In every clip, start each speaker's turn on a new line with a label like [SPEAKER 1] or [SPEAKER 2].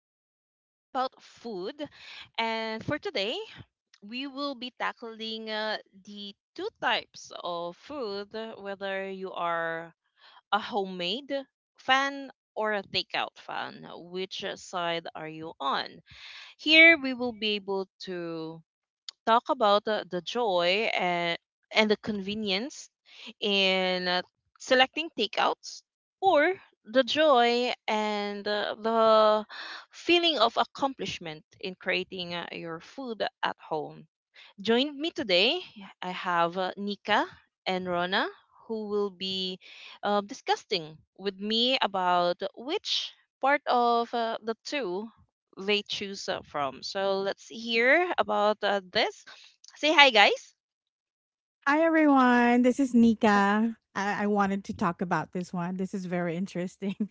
[SPEAKER 1] where we talk about food. And for today, we will be tackling the two types of food, whether you are a homemade fan or a takeout fan. Which side are you on? Here, we will be able to talk about the joy and the convenience in selecting takeouts or the joy and the feeling of accomplishment in creating your food at home. Joined me today, I have Nika and Rona who will be discussing with me about which part of the two they choose from. So let's hear about this. Say hi, guys.
[SPEAKER 2] Hi, everyone. This is Nika. I wanted to talk about this one. This is very interesting.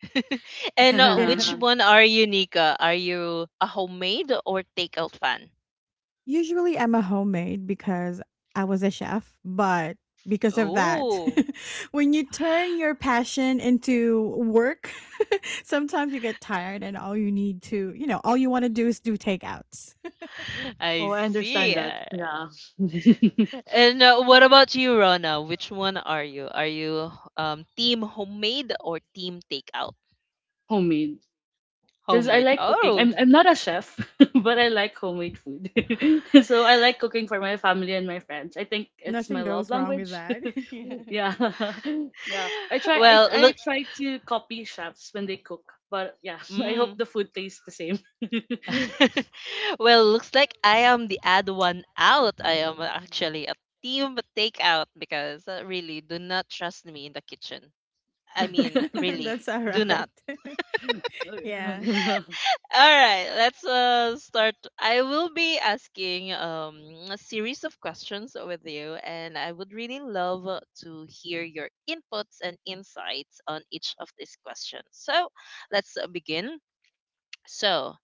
[SPEAKER 1] and uh, which
[SPEAKER 2] Yeah.
[SPEAKER 1] one are you, Nika? Are you a homemade or takeout fan?
[SPEAKER 2] Usually, I'm a homemade because I was a chef, but because of that,
[SPEAKER 1] Oh,
[SPEAKER 2] when you turn your passion into work, sometimes you get tired and all you need to, you know, all you want to do is do takeouts.
[SPEAKER 3] Oh,
[SPEAKER 1] I
[SPEAKER 3] I understand
[SPEAKER 1] see.
[SPEAKER 2] Yeah.
[SPEAKER 3] that. Yeah.
[SPEAKER 1] And what about you, Rona? Which one are you? Are you team homemade or team takeout?
[SPEAKER 3] Homemade. Because I
[SPEAKER 1] Homemade.
[SPEAKER 3] like cooking.
[SPEAKER 1] Oh,
[SPEAKER 3] I'm not a chef, but I like homemade food. So I like cooking for my family and my friends. I think it's
[SPEAKER 2] Nothing
[SPEAKER 3] my love
[SPEAKER 2] goes wrong with
[SPEAKER 3] language.
[SPEAKER 2] that. Yeah.
[SPEAKER 3] Yeah. Yeah. I try I
[SPEAKER 1] well,
[SPEAKER 3] tr- I
[SPEAKER 1] look.
[SPEAKER 3] try to copy chefs when they cook. But yeah, I hope
[SPEAKER 1] Mm.
[SPEAKER 3] the food tastes the same.
[SPEAKER 1] Well, looks like I am the odd one out. I am actually a team takeout because really do not trust me in the kitchen. I mean, really
[SPEAKER 2] That's all
[SPEAKER 1] do
[SPEAKER 2] right.
[SPEAKER 1] not.
[SPEAKER 2] Yeah.
[SPEAKER 1] All right, let's start. I will be asking a series of questions with you, and I would really love to hear your inputs and insights on each of these questions. So let's begin. So,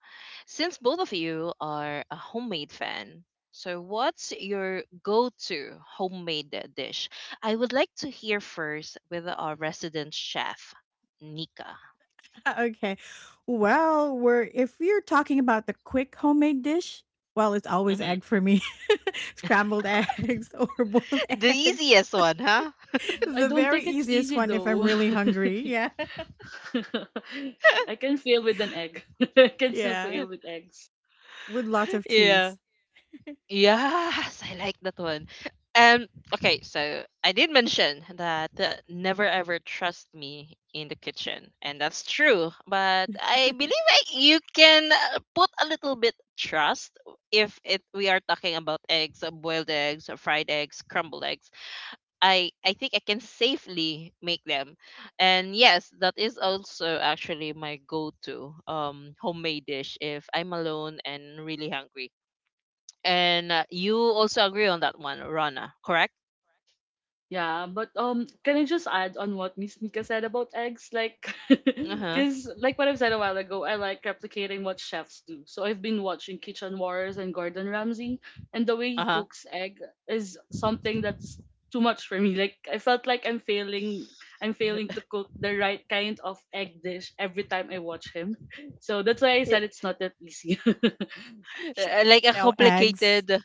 [SPEAKER 1] since both of you are a homemade fan, so what's your go to homemade dish? I would like to hear first with our resident chef, Nika.
[SPEAKER 2] Okay. Well, we're if you're talking about the quick homemade dish, well, it's always
[SPEAKER 1] Mhm.
[SPEAKER 2] egg for me. Scrambled eggs or boiled
[SPEAKER 1] The
[SPEAKER 2] eggs.
[SPEAKER 1] easiest one, huh?
[SPEAKER 3] I
[SPEAKER 2] The
[SPEAKER 3] don't
[SPEAKER 2] very
[SPEAKER 3] think it's
[SPEAKER 2] easiest
[SPEAKER 3] easy
[SPEAKER 2] one if I'm
[SPEAKER 3] though.
[SPEAKER 2] really hungry. Yeah.
[SPEAKER 3] I can fail with an egg. I can still
[SPEAKER 2] Yeah.
[SPEAKER 3] fail with eggs.
[SPEAKER 2] With lots of
[SPEAKER 1] Yeah.
[SPEAKER 2] cheese.
[SPEAKER 1] Yes, I like that one. Um, okay, so I did mention that never ever trust me in the kitchen, and that's true. But I
[SPEAKER 2] Actually,
[SPEAKER 1] believe you can put a little bit trust if it we are talking about eggs, boiled eggs, fried eggs, crumbled eggs. I think I can safely make them, and yes, that is also actually my go-to homemade dish if I'm alone and really hungry, and you also agree on that one, Rana, correct?
[SPEAKER 3] Yeah, but can I just add on what Miss Nika said about eggs? Like,
[SPEAKER 1] Uh-huh.
[SPEAKER 3] because like what I've said a while ago, I like replicating what chefs do. So I've been watching Kitchen Wars and Gordon Ramsay, and the way he
[SPEAKER 1] Uh-huh.
[SPEAKER 3] cooks egg is something that's too much for me. Like I felt like I'm failing to cook the right kind of egg dish every time I watch him. So that's why I
[SPEAKER 1] Yeah.
[SPEAKER 3] said it's not that easy.
[SPEAKER 2] you
[SPEAKER 1] Like a
[SPEAKER 2] know, eggs
[SPEAKER 1] complicated.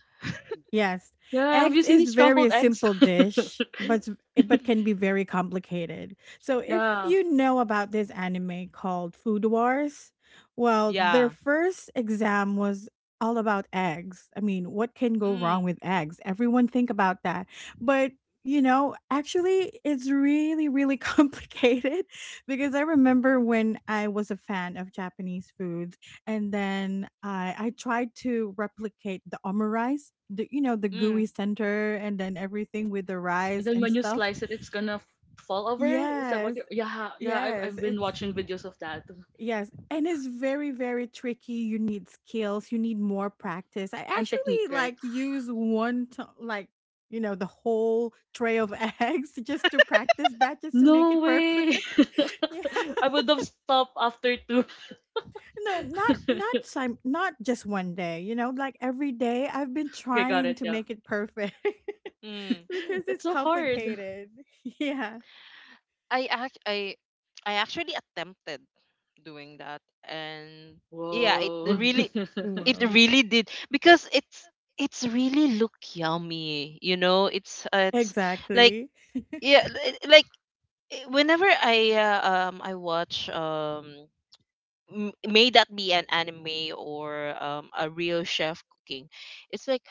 [SPEAKER 2] Yes.
[SPEAKER 3] Yeah, have you
[SPEAKER 2] Eggs
[SPEAKER 3] seen
[SPEAKER 2] is
[SPEAKER 3] these
[SPEAKER 2] very
[SPEAKER 3] scrambled eggs?
[SPEAKER 2] simple dish, but s- but
[SPEAKER 1] Mhm.
[SPEAKER 2] can be very complicated. So if
[SPEAKER 3] Yeah.
[SPEAKER 2] you know about this anime called Food Wars, well, their
[SPEAKER 1] Yeah.
[SPEAKER 2] first exam was all about eggs. I mean, what can go wrong
[SPEAKER 1] Mm.
[SPEAKER 2] with eggs? Everyone think about that. But you know, actually, it's really, really complicated because I remember when I was a fan of Japanese foods. And then I tried to replicate the omurice, rice, the you know, the gooey
[SPEAKER 1] Mm.
[SPEAKER 2] center and then everything with the
[SPEAKER 3] And
[SPEAKER 2] rice
[SPEAKER 3] then
[SPEAKER 2] and
[SPEAKER 3] when you
[SPEAKER 2] stuff.
[SPEAKER 3] slice it, it's gonna fall over. Is that what
[SPEAKER 2] Yes,
[SPEAKER 3] you— Yeah, yeah, I've,
[SPEAKER 2] yes,
[SPEAKER 3] I've been
[SPEAKER 2] it's
[SPEAKER 3] watching videos of that.
[SPEAKER 2] yes, and it's very, very tricky. You need skills, you need more practice. I
[SPEAKER 3] And technique,
[SPEAKER 2] actually
[SPEAKER 3] right?
[SPEAKER 2] like use one to, like you know the whole tray of eggs just to practice that just to make
[SPEAKER 3] No
[SPEAKER 2] it
[SPEAKER 3] way!
[SPEAKER 2] perfect. Yeah.
[SPEAKER 3] I would have stopped after two.
[SPEAKER 2] No, not not sim not just one day, you know, like every day I've been
[SPEAKER 3] Okay, got
[SPEAKER 2] trying
[SPEAKER 3] it,
[SPEAKER 2] to
[SPEAKER 3] yeah.
[SPEAKER 2] make it perfect.
[SPEAKER 1] Mm.
[SPEAKER 2] Because
[SPEAKER 3] It's
[SPEAKER 2] it's
[SPEAKER 3] so hard.
[SPEAKER 2] complicated. Yeah.
[SPEAKER 1] I act I I actually attempted doing that, and yeah, it
[SPEAKER 3] Whoa.
[SPEAKER 1] really, it
[SPEAKER 2] Wow.
[SPEAKER 1] really did because it's really look yummy, you know? It's like,
[SPEAKER 2] Exactly.
[SPEAKER 1] yeah, like, whenever I watch, may that be an anime or a real chef cooking, it's like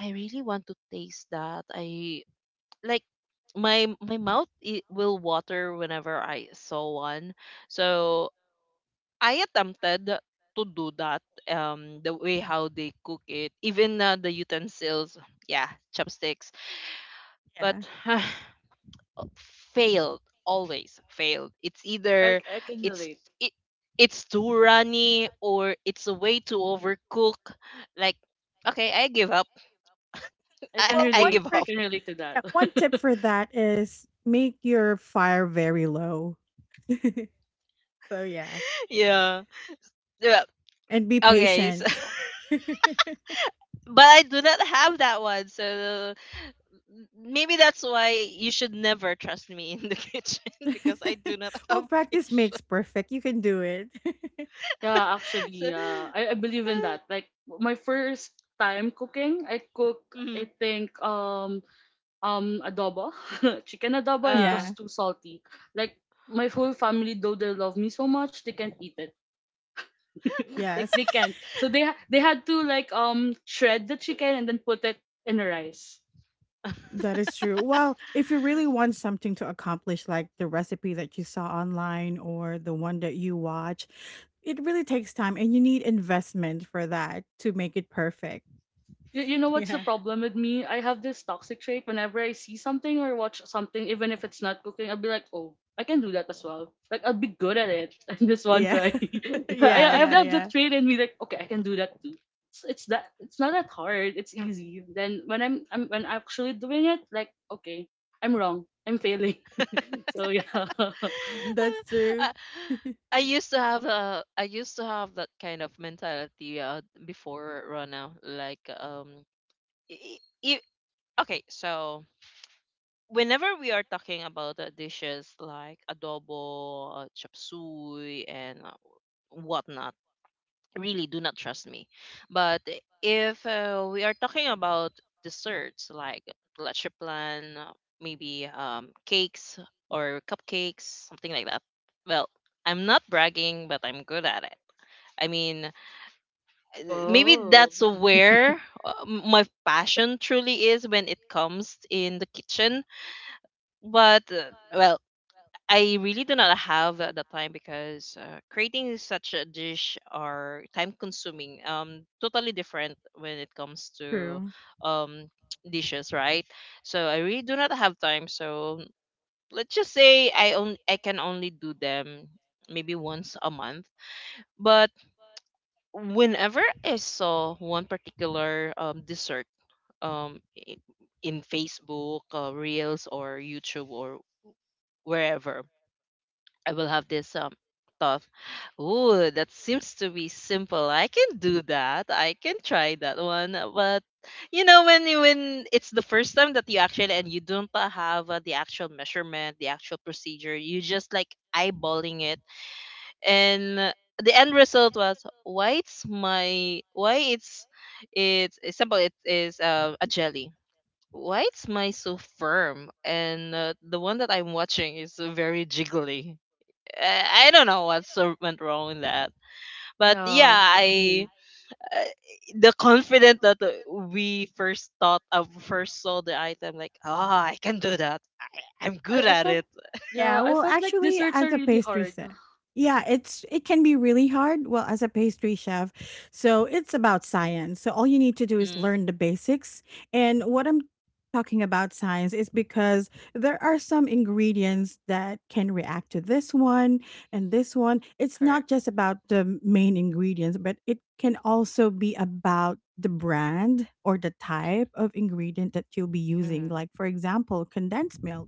[SPEAKER 1] I really want to taste that. I like, my mouth it will water whenever I saw one. So I attempted to do that, the way how they cook it, even the utensils, yeah, chopsticks, but
[SPEAKER 2] Yeah.
[SPEAKER 1] failed, always failed. It's
[SPEAKER 3] I,
[SPEAKER 1] either
[SPEAKER 3] I can
[SPEAKER 1] it's
[SPEAKER 3] relate.
[SPEAKER 1] it, it's too runny or it's a way to overcook. Like, okay, I give up.
[SPEAKER 3] I
[SPEAKER 1] i,
[SPEAKER 3] can
[SPEAKER 2] Well,
[SPEAKER 1] I
[SPEAKER 2] one
[SPEAKER 1] give
[SPEAKER 3] relate. I
[SPEAKER 2] trick
[SPEAKER 1] up.
[SPEAKER 3] can relate to that.
[SPEAKER 2] yeah, one tip for that is make your fire very low. So yeah,
[SPEAKER 1] yeah, yeah,
[SPEAKER 2] and be
[SPEAKER 1] okay, so
[SPEAKER 2] patient.
[SPEAKER 1] but I do not have that one, so maybe that's why you should never trust me in the kitchen because I do not have
[SPEAKER 2] Well, practice
[SPEAKER 1] patience.
[SPEAKER 2] makes perfect. You can do it.
[SPEAKER 3] Yeah,
[SPEAKER 1] so,
[SPEAKER 3] actually, yeah. I believe in that. Like my first time cooking, I cook I
[SPEAKER 1] mhm,
[SPEAKER 3] think adobo, chicken adobo, and it
[SPEAKER 1] uh,
[SPEAKER 3] was
[SPEAKER 2] Yeah.
[SPEAKER 3] too salty. Like my whole family, though they love me so much, they can't eat it.
[SPEAKER 2] Yeah.
[SPEAKER 3] Like they can't. So they had to like shred the chicken and then put it in the rice.
[SPEAKER 2] That is true. Well, if you really want something to accomplish, like the recipe that you saw online or the one that you watch, it really takes time and you need investment for that to make it perfect.
[SPEAKER 3] You know what's the
[SPEAKER 2] Yeah.
[SPEAKER 3] problem with me? I have this toxic trait. Whenever I see something or watch something, even if it's not cooking, I'll be like, oh, I can do that as well. Like I'll be good at it. And this one
[SPEAKER 2] Yeah.
[SPEAKER 3] try. Yeah, I
[SPEAKER 2] Yeah.
[SPEAKER 3] I have
[SPEAKER 2] Yeah.
[SPEAKER 3] that
[SPEAKER 2] Yeah.
[SPEAKER 3] that trait in me. Like okay, I can do that too. It's that it's not that hard. It's easy. Then when I'm actually doing it, like okay, I'm wrong. I'm failing. So yeah.
[SPEAKER 2] That's true.
[SPEAKER 1] I, I used to have that kind of mentality before Rona. Like, I okay, so whenever we are talking about dishes like adobo, chop suey, and whatnot, really do not trust me. But if we are talking about desserts like leche plan, maybe cakes or cupcakes, something like that. Well, I'm not bragging, but I'm good at it. I mean, maybe
[SPEAKER 3] Whoa.
[SPEAKER 1] that's where my passion truly is when it comes in the kitchen. But well, I really do not have the time because creating such a dish are time consuming. Totally different when it comes to
[SPEAKER 2] True.
[SPEAKER 1] um dishes, right? So I really do not have time. So let's just say I can only do them maybe once a month. But whenever I saw one particular dessert, um i- in Facebook, Reels, or YouTube, or wherever, I will have this thought. Ooh, that seems to be simple. I can do that. I can try that one. But, you know, when when it's the first time that you actually, and you don't have the actual measurement, the actual procedure, you just like eyeballing it, and the end result was why it's my why it's simple. It is a jelly. Why it's my so firm, and the one that I'm watching is very jiggly. I don't know what went wrong in that, but yeah,
[SPEAKER 3] Yeah.
[SPEAKER 1] I
[SPEAKER 3] Mhm.
[SPEAKER 1] uh, the confident that we first thought of first saw the item like, oh, I can do that. I'm
[SPEAKER 3] I
[SPEAKER 1] good
[SPEAKER 3] I
[SPEAKER 1] at
[SPEAKER 3] felt
[SPEAKER 1] it.
[SPEAKER 2] Yeah,
[SPEAKER 3] yeah I
[SPEAKER 2] well,
[SPEAKER 3] felt like
[SPEAKER 2] actually,
[SPEAKER 3] desserts
[SPEAKER 2] as
[SPEAKER 3] are
[SPEAKER 2] a
[SPEAKER 3] really
[SPEAKER 2] pastry
[SPEAKER 3] hard.
[SPEAKER 2] chef, yeah, it's it can be really hard. Well, as a pastry chef, so it's about science. So all you need to do is
[SPEAKER 1] Mm,
[SPEAKER 2] learn the basics. And what I'm talking about science is because there are some ingredients that can react to this one and this one. It's
[SPEAKER 1] correct.
[SPEAKER 2] not just about the main ingredients, but it can also be about the brand or the type of ingredient that you'll be using. Like
[SPEAKER 1] Mm-hmm.
[SPEAKER 2] for example, condensed milk,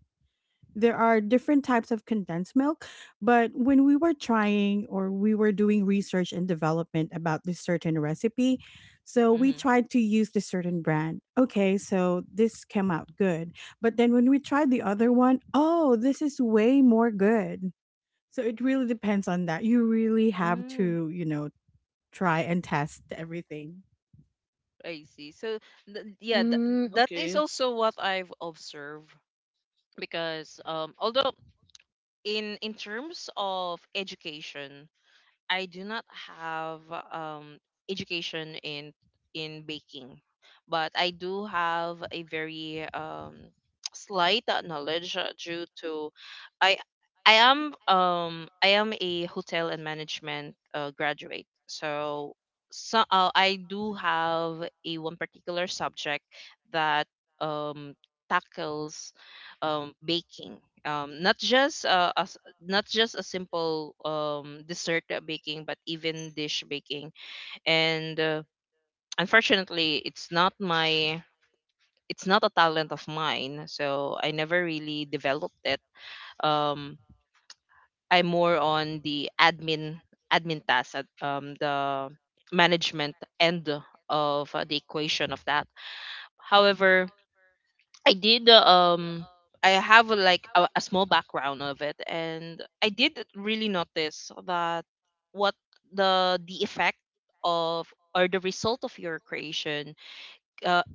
[SPEAKER 2] there are different types of condensed milk, but when we were trying or we were doing research and development about this certain recipe, so we
[SPEAKER 1] Mm-hmm.
[SPEAKER 2] tried to use the certain brand. Okay, so this came out good. But then when we tried the other one, oh, this is way more good. So it really depends on that. You really have
[SPEAKER 1] Mm,
[SPEAKER 2] to, you know, try and test everything.
[SPEAKER 1] I see. So, yeah,
[SPEAKER 3] Mm,
[SPEAKER 1] that is
[SPEAKER 3] okay.
[SPEAKER 1] also what I've observed. Because although in terms of education, I do not have um, education in baking, but I do have a very slight knowledge due to I I am a hotel and management graduate. So I do have a one particular subject that um tackles baking, not just a not just a simple dessert baking, but even dish baking. And unfortunately, it's not a talent of mine, so I never really developed it. Um, I'm more on the admin task, at, the management end of the equation of that. However, I did uh, um I have like a small background of it, and I did really notice that what the effect of, or the result of your creation, uh,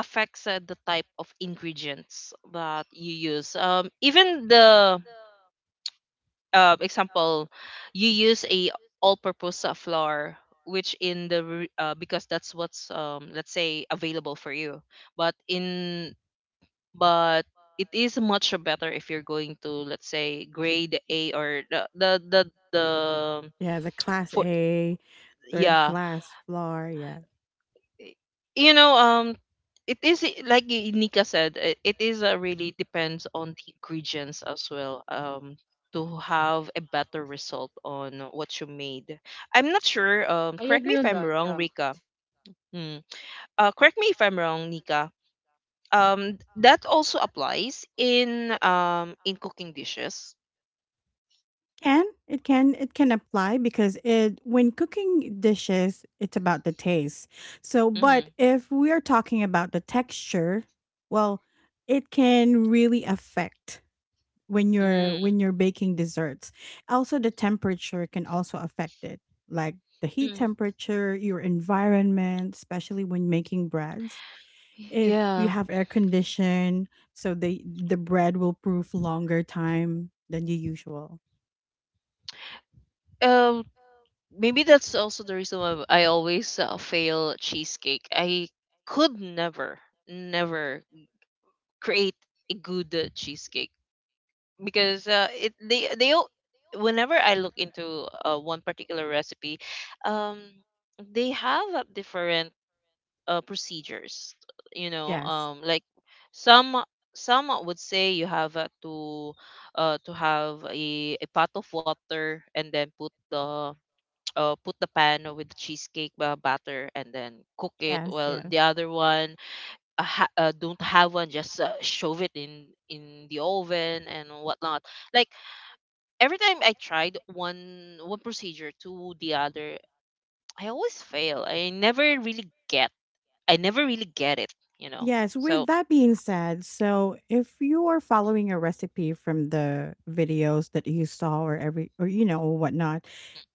[SPEAKER 1] affects the type of ingredients that you use. Even the example, you use a all-purpose flour, which in the because that's what's let's say available for you, but in but it is much better if you're going to, let's say, grade A or the
[SPEAKER 2] Yeah, the class
[SPEAKER 1] for,
[SPEAKER 2] A, third
[SPEAKER 1] yeah.
[SPEAKER 2] class flour. Yeah.
[SPEAKER 1] You know, it is like, Nika said, it is really depends on the ingredients as well, to have a better result on what you made. I'm not sure,
[SPEAKER 3] I
[SPEAKER 1] correct
[SPEAKER 3] agree
[SPEAKER 1] me if
[SPEAKER 3] on
[SPEAKER 1] I'm
[SPEAKER 3] that.
[SPEAKER 1] wrong,
[SPEAKER 3] Yeah.
[SPEAKER 1] Rika. Mm. Correct me if I'm wrong, Nika, that also applies in cooking dishes.
[SPEAKER 2] Can it can it can apply because it when cooking dishes it's about the taste. So but
[SPEAKER 1] Mm-hmm.
[SPEAKER 2] if we are talking about the texture, well, it can really affect
[SPEAKER 1] Mm,
[SPEAKER 2] when you're baking desserts. Also the temperature can also affect it. Like the heat
[SPEAKER 1] mm.
[SPEAKER 2] temperature, your environment, especially when making breads if you
[SPEAKER 1] Yeah.
[SPEAKER 2] have air condition so the bread will proof longer time than the usual.
[SPEAKER 1] Um, maybe that's also the reason why I always fail cheesecake. I could never, never create a good cheesecake because it whenever I look into one particular recipe, um, they have a different procedures, you know,
[SPEAKER 2] Yes.
[SPEAKER 1] like, some some would say you have to have a pot of water, and then put the put the pan with the cheesecake batter, and then cook it.
[SPEAKER 2] Yes,
[SPEAKER 1] Well,
[SPEAKER 2] yes.
[SPEAKER 1] the other one don't have one, just shove it in in the oven and whatnot. Like, every time I tried one procedure to the other, I always fail. I never really get it, you know.
[SPEAKER 2] Yes,
[SPEAKER 1] So,
[SPEAKER 2] with that being said, so if you are following a recipe from the videos that you saw or every or you know whatnot,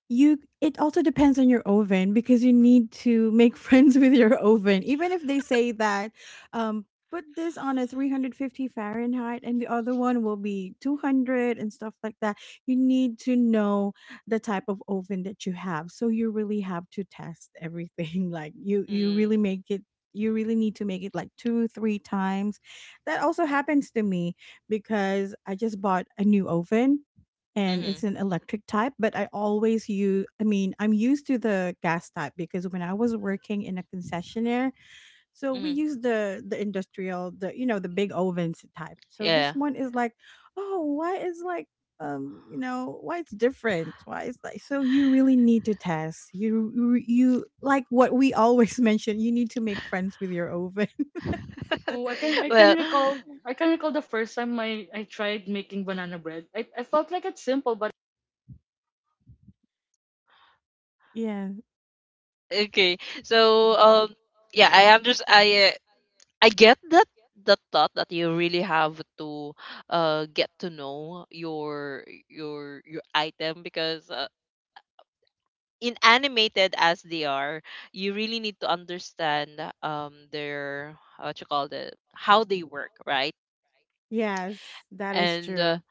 [SPEAKER 2] you it also depends on your oven because you need to make friends with your oven. Even if they say that, um, put this on a 350°F Fahrenheit and the other one will be 200 and stuff like that. You need to know the type of oven that you have. So you really have to test everything. Like you really
[SPEAKER 1] mm,
[SPEAKER 2] make it, you really need to make it like two, three times. That also happens to me because I just bought a new oven and
[SPEAKER 1] hmm
[SPEAKER 2] it's an electric type, but I always use I mean, I'm used to the gas type because when I was working in a concessionaire, so we
[SPEAKER 1] hmm,
[SPEAKER 2] use the industrial, the you know, the big ovens type. So
[SPEAKER 1] yeah.
[SPEAKER 2] this one is like, oh, why is like you know, why it's different? Why it's like so you really need to test. Like what we always mention, you need to make friends with your oven. That's
[SPEAKER 3] Oh, I
[SPEAKER 2] what we
[SPEAKER 3] can I
[SPEAKER 2] do.
[SPEAKER 3] can
[SPEAKER 1] Well,
[SPEAKER 3] recall I can recall the first time I tried making banana bread. I felt like it's simple, but
[SPEAKER 2] Yeah.
[SPEAKER 1] okay. So, yeah, I understand. I get that that thought that you really have to get to know your item because, in animated as they are, you really need to understand their, what you call it, how they work, right?
[SPEAKER 2] Yes, that is
[SPEAKER 1] And uh,
[SPEAKER 2] true.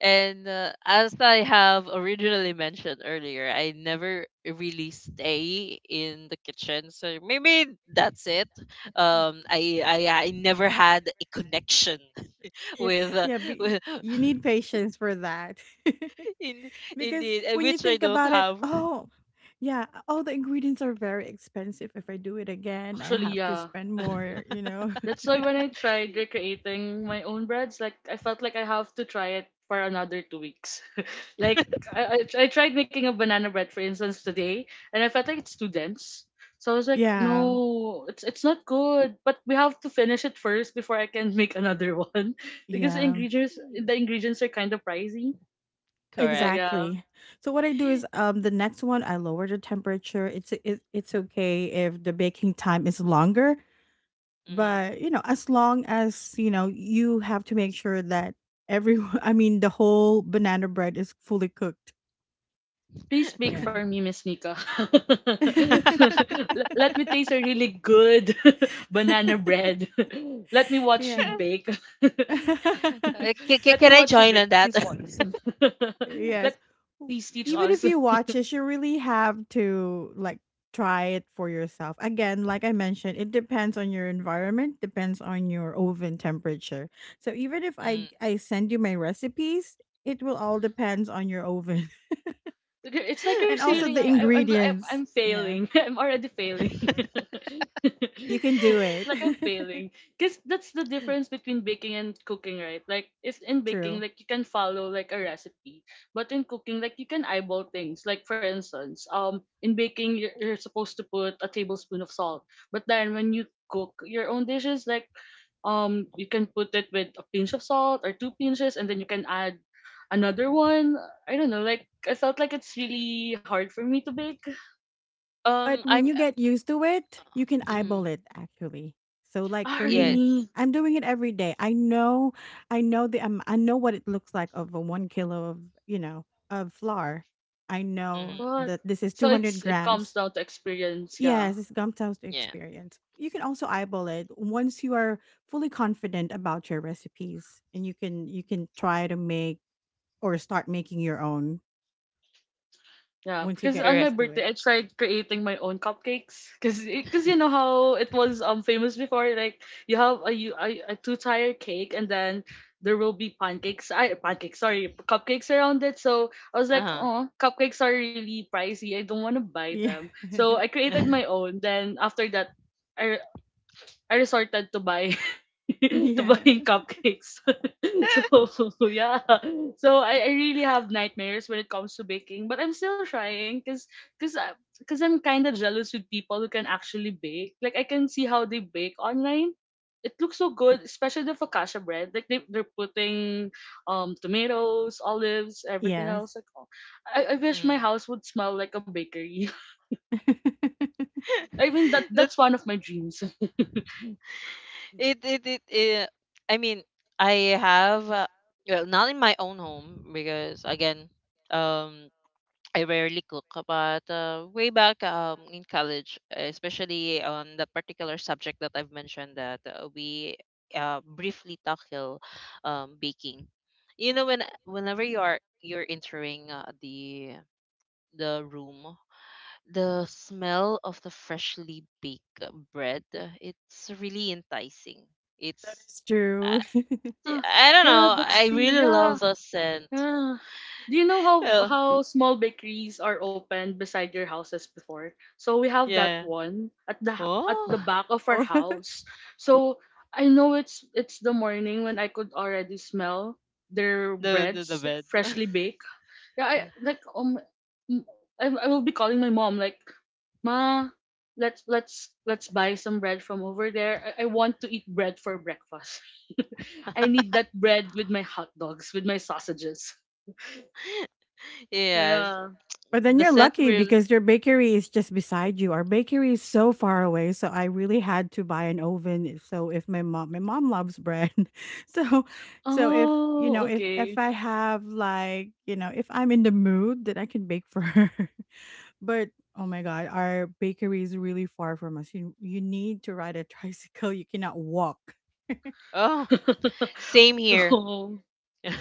[SPEAKER 1] And as I have originally mentioned earlier, I never really stay in the kitchen. So maybe that's it. I never had a connection
[SPEAKER 2] Yeah,
[SPEAKER 1] with, uh,
[SPEAKER 2] yeah, be
[SPEAKER 1] with
[SPEAKER 2] you need patience for that.
[SPEAKER 1] in
[SPEAKER 2] Because
[SPEAKER 1] indeed,
[SPEAKER 2] when you
[SPEAKER 1] which I
[SPEAKER 2] think
[SPEAKER 1] don't
[SPEAKER 2] about it,
[SPEAKER 1] have.
[SPEAKER 2] oh, yeah, all the ingredients are very expensive. If I do it again, I
[SPEAKER 3] actually,
[SPEAKER 2] have to
[SPEAKER 3] yeah.
[SPEAKER 2] spend
[SPEAKER 3] It,
[SPEAKER 2] more, you know?
[SPEAKER 3] that's why when I tried recreating my own breads, like I felt like I have to try it for another 2 weeks. Like I tried making a banana bread, for instance, today, and I felt like it's too dense. So I was like,
[SPEAKER 2] Yeah,
[SPEAKER 3] no, it's not good. But we have to finish it first before I can make another one, because the
[SPEAKER 2] yeah,
[SPEAKER 3] ingredients the ingredients are kind of pricey. So
[SPEAKER 1] Correct.
[SPEAKER 3] yeah,
[SPEAKER 2] exactly. So what I do is the next one I lower the temperature. It's okay if the baking time is longer,
[SPEAKER 1] Mhm.
[SPEAKER 2] but you know, as long as, you know, you have to make sure that every I mean the whole banana bread is fully cooked.
[SPEAKER 3] please bake
[SPEAKER 2] Yeah.
[SPEAKER 3] for me, Miss Nika. Let me taste a really good banana bread. Let me watch you
[SPEAKER 2] Yeah.
[SPEAKER 3] bake.
[SPEAKER 1] Can ca-
[SPEAKER 3] Let me
[SPEAKER 1] Can I
[SPEAKER 3] watch you
[SPEAKER 1] join
[SPEAKER 3] bake
[SPEAKER 1] on
[SPEAKER 3] at
[SPEAKER 1] that?
[SPEAKER 3] least once.
[SPEAKER 2] Yes.
[SPEAKER 3] Let
[SPEAKER 2] W
[SPEAKER 3] please teach
[SPEAKER 2] even if
[SPEAKER 3] us.
[SPEAKER 2] you watch it, you really have to, like, try it for yourself. Again, like I mentioned, it depends on your environment, depends on your oven temperature. So even if I
[SPEAKER 1] Mhm.
[SPEAKER 2] I send you my recipes, it will all depends on your oven
[SPEAKER 3] It's like they're
[SPEAKER 2] and also
[SPEAKER 3] ceiling. I,
[SPEAKER 2] the
[SPEAKER 3] I, I'm, go- I'm, I'm
[SPEAKER 2] ingredients. Yeah.
[SPEAKER 3] failing. I'm already failing.
[SPEAKER 2] You can do
[SPEAKER 3] It's
[SPEAKER 2] it.
[SPEAKER 3] like I'm failing. Because that's the difference between baking and cooking, right? Like, if in baking,
[SPEAKER 2] True.
[SPEAKER 3] like, you can follow, like, a recipe. But in cooking, like, you can eyeball things. Like, for instance, in baking, you're supposed to put a tablespoon of salt. But then when you cook your own dishes, like, you can put it with a pinch of salt or two pinches and then you can add another one. I don't know, like I felt like it's really hard for me to bake.
[SPEAKER 2] But
[SPEAKER 1] I.
[SPEAKER 2] when you get used to it, you can
[SPEAKER 1] Mm.
[SPEAKER 2] eyeball it actually. So like
[SPEAKER 3] Ah,
[SPEAKER 2] for me,
[SPEAKER 1] Yes.
[SPEAKER 3] really?
[SPEAKER 2] I'm doing it every day. I know the I know what it looks like of a 1 kilo of you know of flour. I know
[SPEAKER 1] Hmm.
[SPEAKER 3] What?
[SPEAKER 2] that this is
[SPEAKER 3] So
[SPEAKER 2] 200
[SPEAKER 3] it comes
[SPEAKER 2] grams.
[SPEAKER 3] down to experience, yeah.
[SPEAKER 2] Yes, it's gum toast
[SPEAKER 1] Yeah.
[SPEAKER 2] experience. You can also eyeball it once you are fully confident about your recipes, and you can try to make or start making your own
[SPEAKER 3] Yeah,
[SPEAKER 2] once you
[SPEAKER 3] because
[SPEAKER 2] get
[SPEAKER 3] on
[SPEAKER 1] Correct.
[SPEAKER 3] my
[SPEAKER 2] used to
[SPEAKER 3] birthday
[SPEAKER 2] it.
[SPEAKER 3] I tried creating my own cupcakes because you know how it was famous before, like you have a two tire cake, and then there will be pancakes, I, pancakes, sorry, cupcakes around it. So I was like,
[SPEAKER 1] Uh-huh.
[SPEAKER 3] oh, cupcakes are really pricey, I don't want to buy
[SPEAKER 2] Yeah.
[SPEAKER 3] them, so I created my own. Then after that, I I resorted to buy to
[SPEAKER 2] Yeah.
[SPEAKER 3] buying cupcakes. So yeah, so I really have nightmares when it comes to baking, but I'm still trying because because I'm kind of jealous with people who can actually bake. Like I can see how they bake online. It looks so good, especially the focaccia bread. Like they're putting tomatoes, olives, everything
[SPEAKER 2] Yes.
[SPEAKER 3] else. Like oh, I wish my
[SPEAKER 1] mm.
[SPEAKER 3] house would smell like a bakery.
[SPEAKER 2] That
[SPEAKER 3] I mean that that's
[SPEAKER 1] That's
[SPEAKER 3] one of my dreams.
[SPEAKER 1] it it it, it I mean, I have, well, not in my own home because, again, um I rarely cook, but way back in college, especially on the particular subject that I've mentioned, that we briefly tackle baking. You know, whenever you are, you're entering the room, the smell of the freshly baked bread, it's really enticing. it's
[SPEAKER 2] is
[SPEAKER 1] i
[SPEAKER 2] true.
[SPEAKER 3] Ah,
[SPEAKER 1] I don't
[SPEAKER 3] yeah,
[SPEAKER 1] know,
[SPEAKER 3] that's
[SPEAKER 1] I
[SPEAKER 3] true.
[SPEAKER 1] really
[SPEAKER 3] Yeah.
[SPEAKER 1] love the scent.
[SPEAKER 3] Yeah. Do you know how
[SPEAKER 1] Oh,
[SPEAKER 3] how small bakeries are opened beside your houses before? So we have that
[SPEAKER 1] yeah,
[SPEAKER 3] one at the
[SPEAKER 1] oh,
[SPEAKER 3] back of our
[SPEAKER 2] Oh.
[SPEAKER 3] house. So I know it's the morning when I could already smell their
[SPEAKER 1] the
[SPEAKER 3] breads
[SPEAKER 1] bed.
[SPEAKER 3] freshly baked. Yeah, I like m- I will be calling my mom like, "Ma, let's buy some bread from over there. I want to eat bread for breakfast. I need that bread with my hot dogs, with my sausages."
[SPEAKER 1] yes,
[SPEAKER 3] Yeah.
[SPEAKER 2] But then
[SPEAKER 1] the
[SPEAKER 2] you're
[SPEAKER 1] scent
[SPEAKER 2] lucky
[SPEAKER 1] really.
[SPEAKER 2] because your bakery is just beside you. Our bakery is so far away, so I really had to buy an oven. So if my mom, my mom loves bread, so so if you know
[SPEAKER 3] Oh,
[SPEAKER 2] if
[SPEAKER 3] okay.
[SPEAKER 2] I have like you know if I'm in the mood, then I can bake for her. But oh my god, our bakery is really far from us. You need to ride a tricycle. You cannot walk.
[SPEAKER 1] Oh, same here.
[SPEAKER 3] No.
[SPEAKER 1] all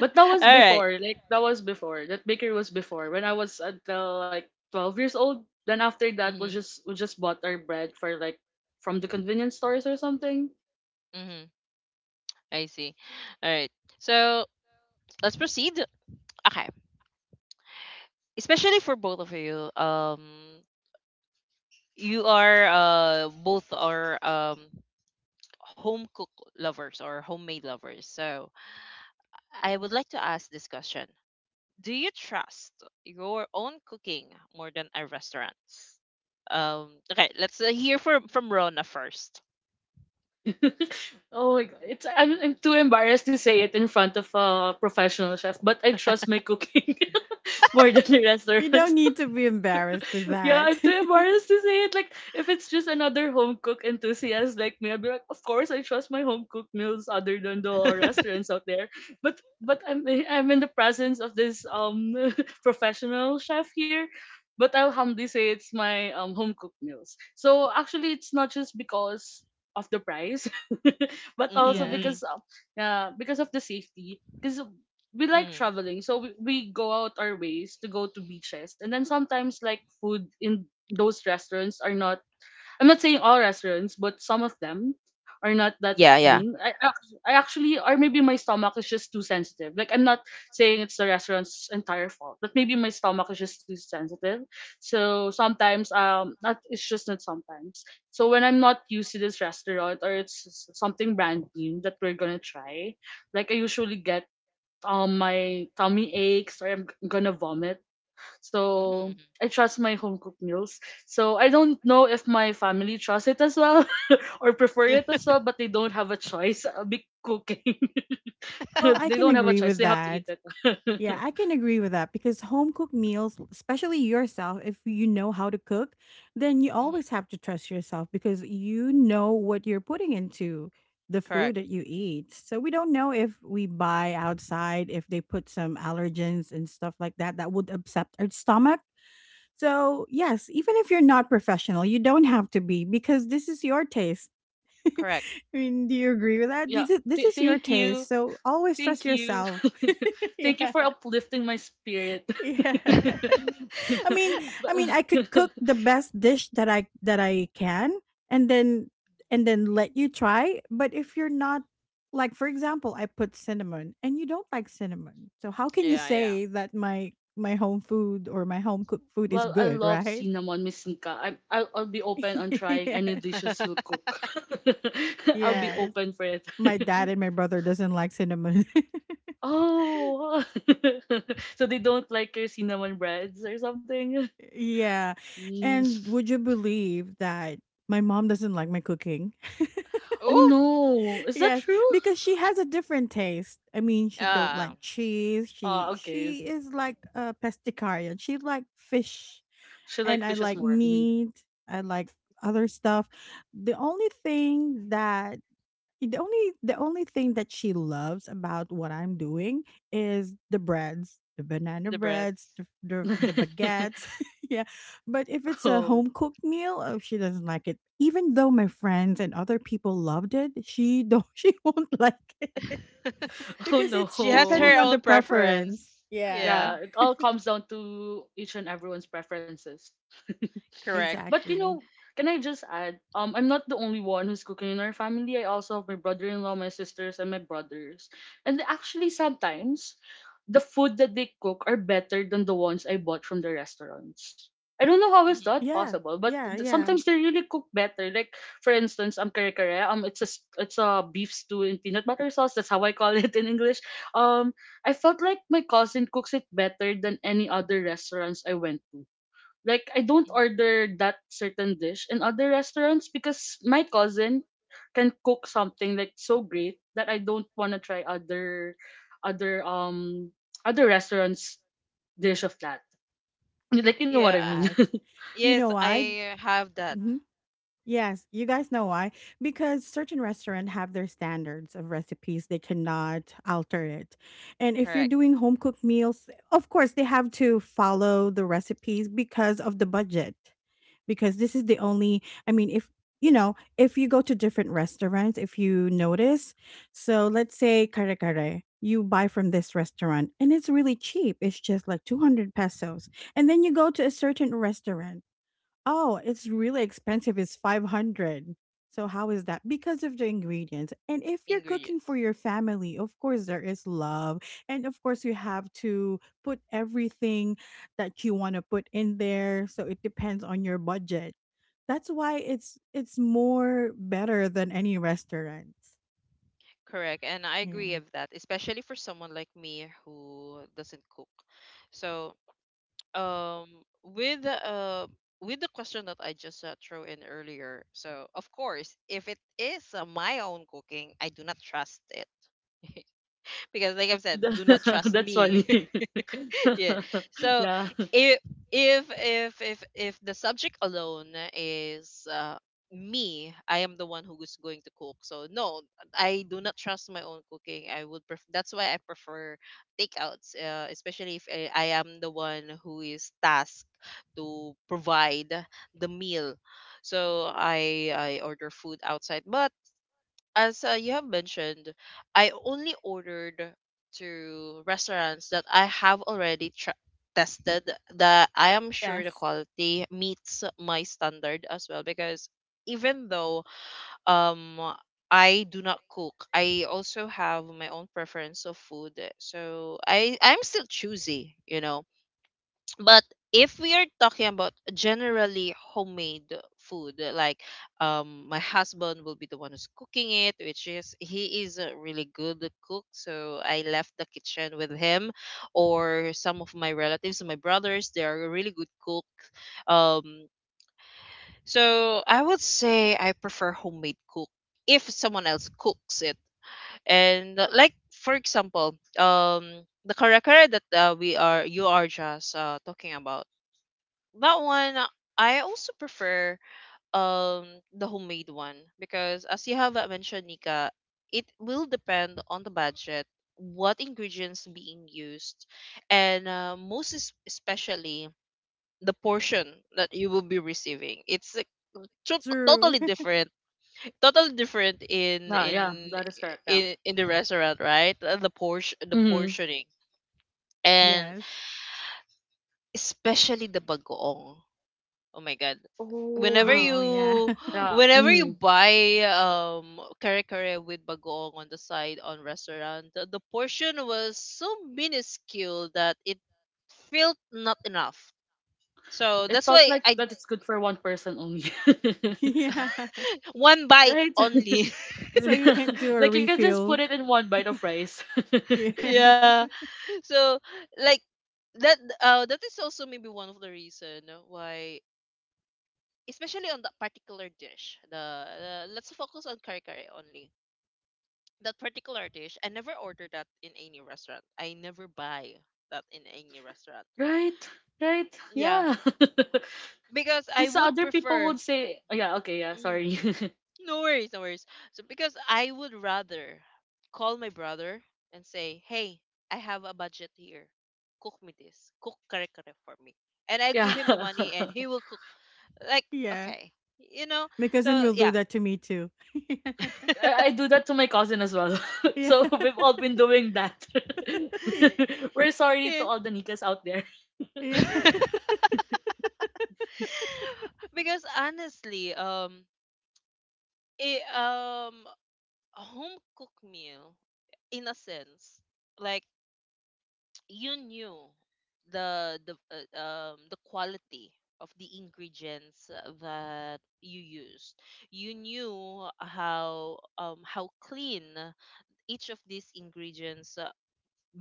[SPEAKER 3] But that was
[SPEAKER 1] right,
[SPEAKER 3] before, like that was before. That bakery was before. When I was until like 12 years old, then after that we
[SPEAKER 1] mm-hmm,
[SPEAKER 3] just we just bought our bread for like from the convenience stores or something.
[SPEAKER 1] mm-hmm. I see. All right, so let's proceed. Okay, especially for both of you, you are, both are, home cook lovers or homemade lovers. So I would like to ask this question. Do you trust your own cooking more than a restaurant's? Um okay, let's hear from Rona first.
[SPEAKER 3] Oh my god. I'm too embarrassed to say it in front of a professional chef, but I trust my cooking more than the
[SPEAKER 2] You don't
[SPEAKER 3] restaurant.
[SPEAKER 2] need to be embarrassed with
[SPEAKER 3] Yeah, I'm
[SPEAKER 2] that.
[SPEAKER 3] too embarrassed to say it. Like, if it's just another home cook enthusiast like me, I'd be like, of course, I trust my home cooked meals other than the restaurants out there. But I'm in the presence of this professional chef here. But I'll humbly say it's my home cooked meals. So actually, it's not just because of the price, but also
[SPEAKER 2] Yes.
[SPEAKER 1] Mm-hmm,
[SPEAKER 3] because of the safety. Because we like
[SPEAKER 1] mm-hmm,
[SPEAKER 3] traveling, so we go out our ways to go to beaches, and then sometimes like food in those restaurants are not. I'm not saying all restaurants, but some of them are not that
[SPEAKER 1] yeah, yeah.
[SPEAKER 3] clean. I actually, or maybe my stomach is just too sensitive. Like I'm not saying it's the restaurant's entire fault, but maybe my stomach is just too sensitive. So sometimes not, it's just not sometimes. So when I'm not used to this restaurant or it's something brand new that we're gonna try, like I usually get my tummy aches or I'm gonna vomit. So
[SPEAKER 1] Mm-hmm.
[SPEAKER 3] I trust my home cooked meals. So I don't know if my family trusts it as well or prefer it as well, but they don't have a choice. I'll be cooking.
[SPEAKER 2] Well, I
[SPEAKER 3] They
[SPEAKER 2] can
[SPEAKER 3] don't have a
[SPEAKER 2] agree
[SPEAKER 3] choice.
[SPEAKER 2] with
[SPEAKER 3] They have to eat
[SPEAKER 2] that.
[SPEAKER 3] it.
[SPEAKER 2] Yeah, I can agree with that because home cooked meals, especially yourself, if you know how to cook, then you
[SPEAKER 1] Hmm.
[SPEAKER 2] always have to trust yourself because you know what you're putting into the food
[SPEAKER 1] Correct.
[SPEAKER 2] that you eat. So we don't know if we buy outside, if they put some allergens and stuff like that that would upset our stomach. So, yes, even if you're not professional, you don't have to be because this is your taste. I
[SPEAKER 1] Correct.
[SPEAKER 2] mean, do you agree with that?
[SPEAKER 3] Yeah.
[SPEAKER 2] This
[SPEAKER 3] Th-
[SPEAKER 2] is your
[SPEAKER 3] thank you.
[SPEAKER 2] taste. So always trust
[SPEAKER 3] Thank you.
[SPEAKER 2] yourself.
[SPEAKER 3] Thank you
[SPEAKER 2] Yeah
[SPEAKER 3] for uplifting my spirit.
[SPEAKER 2] yeah.
[SPEAKER 1] yeah,
[SPEAKER 2] I mean, I mean, I
[SPEAKER 3] But-
[SPEAKER 2] could cook the best dish that I can, and then let you try. But if you're not like, for example, I put cinnamon, and you don't like cinnamon, so how can you
[SPEAKER 1] yeah.
[SPEAKER 2] say that my home food or my home cooked food is
[SPEAKER 3] Well, I
[SPEAKER 2] good,
[SPEAKER 3] love
[SPEAKER 2] right?
[SPEAKER 3] cinnamon, Miss Nika. I'll be open on trying any
[SPEAKER 2] Yeah.
[SPEAKER 3] dishes you'll cook. I'll be
[SPEAKER 2] Yes.
[SPEAKER 3] open for it.
[SPEAKER 2] My dad and my brother doesn't like cinnamon.
[SPEAKER 3] Oh, so they don't like your cinnamon breads or something?
[SPEAKER 2] Yeah.
[SPEAKER 3] Mm.
[SPEAKER 2] And would you believe that my mom doesn't like my cooking?
[SPEAKER 3] Oh
[SPEAKER 1] Oh,
[SPEAKER 3] no, is that
[SPEAKER 2] Yes,
[SPEAKER 3] true?
[SPEAKER 2] because she has a different taste. I mean, she don't
[SPEAKER 1] yeah,
[SPEAKER 2] like cheese.
[SPEAKER 3] Ah, okay.
[SPEAKER 2] She is like a pescatarian. She like fish,
[SPEAKER 3] She like
[SPEAKER 2] and I
[SPEAKER 3] fishes
[SPEAKER 2] like
[SPEAKER 3] more. Mhm.
[SPEAKER 2] meat. I like other stuff. The only thing that the only thing that she loves about what I'm doing is the breads, the banana
[SPEAKER 1] the
[SPEAKER 2] breads,
[SPEAKER 1] breads.
[SPEAKER 2] the baguettes. Yeah. But if it's a
[SPEAKER 3] Oh,
[SPEAKER 2] home cooked meal, oh, she doesn't like it. Even though my friends and other people loved it, she don't she won't like it
[SPEAKER 3] oh
[SPEAKER 2] because
[SPEAKER 3] no.
[SPEAKER 2] it's
[SPEAKER 1] she has
[SPEAKER 2] depending
[SPEAKER 1] her
[SPEAKER 2] on the
[SPEAKER 1] own
[SPEAKER 2] preference.
[SPEAKER 1] preference.
[SPEAKER 2] Yeah.
[SPEAKER 1] Yeah.
[SPEAKER 3] Yeah, it all comes down to each and everyone's preferences.
[SPEAKER 1] Correct.
[SPEAKER 3] But
[SPEAKER 2] Exactly.
[SPEAKER 3] can I just add? I'm not the only one who's cooking in our family. I also have my brother-in-law, my sisters, and my brothers. And actually, sometimes the food that they cook are better than the ones I bought from the restaurants. I don't know how is that
[SPEAKER 1] Hmm,
[SPEAKER 2] Yeah.
[SPEAKER 3] possible, but
[SPEAKER 2] Yeah, yeah.
[SPEAKER 3] sometimes they really cook better. Like for instance, kare kare, it's a beef stew in peanut butter sauce. That's how I call it in English. Um, I felt like my cousin cooks it better than any other restaurants I went to. Like I don't
[SPEAKER 1] hmm.
[SPEAKER 3] order that certain dish in other restaurants because my cousin can cook something like so great that I don't want to try other um other restaurants dish of that. Like you know what I
[SPEAKER 1] Yeah.
[SPEAKER 3] mean.
[SPEAKER 2] That. You
[SPEAKER 1] Yes,
[SPEAKER 2] know why?
[SPEAKER 1] I have that.
[SPEAKER 2] Yes, you guys know why? Because certain restaurants have their standards of recipes. They cannot alter it. And if you're
[SPEAKER 1] Correct.
[SPEAKER 2] doing home cooked meals, of course, they have to follow the recipes because of the budget. Because this is the only, I mean, if you know, if you go to different restaurants, if you notice, so let's say kare kare, you buy from this restaurant and it's really cheap. It's just like 200 pesos. And then you go to a certain restaurant oh, it's really expensive. It's 500. So how is that? Because of the ingredients. And if you're cooking for
[SPEAKER 1] Ingredients.
[SPEAKER 2] your family, of course there is love. And of course you have to put everything that you want to put in there. So it depends on your budget. That's why it's more better than any restaurant.
[SPEAKER 1] Correct. And I agree
[SPEAKER 2] Yeah.
[SPEAKER 1] with that, especially for someone like me who doesn't cook. So, um, with with the question that I just threw in earlier, so of course, if it is my own cooking, I do not trust it because, like I've said, do not trust
[SPEAKER 3] That's
[SPEAKER 1] me.
[SPEAKER 3] funny.
[SPEAKER 1] yeah. So
[SPEAKER 3] Yeah.
[SPEAKER 1] if if the subject alone is me, I am the one who is going to cook. So no, I do not trust my own cooking. That's why I prefer takeouts, especially if I am the one who is tasked to provide the meal. So I order food outside, but as you have mentioned, I only ordered to restaurants that I have already tested, that I am sure the quality meets my standard as well because even though um I do not cook, I also have my own preference of food. So I'm still choosy. But if we are talking about generally homemade food, like my husband will be the one who's cooking it, which is he is a really good cook, so I left the kitchen with him. Or some of my relatives, my brothers, they are a really good cook. Um, so I would say I prefer homemade cook if someone else cooks it. And like for example, the kare kare that we are you are just talking about, that one, I also prefer um the homemade one because as you have mentioned, Nika, it will depend on the budget, what ingredients being used, and most especially the portion that you will be receiving. It's like,
[SPEAKER 2] True.
[SPEAKER 1] totally different in
[SPEAKER 3] Yeah, yeah, that is correct. Yeah.
[SPEAKER 1] the restaurant, right? The portion, the
[SPEAKER 3] Mm-hmm.
[SPEAKER 1] portioning, and
[SPEAKER 2] Yes.
[SPEAKER 1] especially the bagoong. Oh my god, whenever
[SPEAKER 3] Oh,
[SPEAKER 2] Oh, yeah.
[SPEAKER 1] you
[SPEAKER 3] yeah.
[SPEAKER 1] whenever you
[SPEAKER 3] Mm.
[SPEAKER 1] buy kare kare with bagoong on the side on restaurant, the portion was so minuscule that it felt not enough, so
[SPEAKER 3] It
[SPEAKER 1] that's
[SPEAKER 3] felt
[SPEAKER 1] why
[SPEAKER 3] like
[SPEAKER 1] I.
[SPEAKER 3] that it's good for one person only.
[SPEAKER 2] Yeah.
[SPEAKER 1] One bite
[SPEAKER 3] Right?
[SPEAKER 1] only.
[SPEAKER 2] So you can't do a
[SPEAKER 3] Like you can just put
[SPEAKER 2] refill.
[SPEAKER 3] it in one bite of rice.
[SPEAKER 2] Yeah.
[SPEAKER 1] yeah. So like that, that is also maybe one of the reason why, especially on that particular dish. The Let's focus on kare kare only. That particular dish, I never order that in any restaurant. I never buy that in any restaurant.
[SPEAKER 3] Right? Right?
[SPEAKER 1] Yeah,
[SPEAKER 3] Yeah.
[SPEAKER 1] because I
[SPEAKER 3] Because
[SPEAKER 1] would
[SPEAKER 3] other people would
[SPEAKER 1] prefer.
[SPEAKER 3] say, oh, yeah, okay, yeah,
[SPEAKER 1] Mm,
[SPEAKER 3] sorry.
[SPEAKER 1] no worries, no worries. So because I would rather call my brother and say, hey, I have a budget here, cook me this cook kare kare for me, and I'll
[SPEAKER 3] yeah.
[SPEAKER 1] give him the money and he will cook, like
[SPEAKER 2] Yeah.
[SPEAKER 1] okay, you know
[SPEAKER 2] My cousin
[SPEAKER 1] so
[SPEAKER 2] will do
[SPEAKER 1] yeah.
[SPEAKER 2] that to me too.
[SPEAKER 3] I do that to my cousin as well.
[SPEAKER 2] Yeah.
[SPEAKER 3] So we've all been doing that.
[SPEAKER 2] Yeah.
[SPEAKER 3] We're sorry to
[SPEAKER 1] Yeah.
[SPEAKER 3] all the Nikas out there.
[SPEAKER 2] Yeah.
[SPEAKER 1] Because honestly, it, um a home cooked meal, in a sense, like you knew the quality of the ingredients that you used. You knew how clean each of these ingredients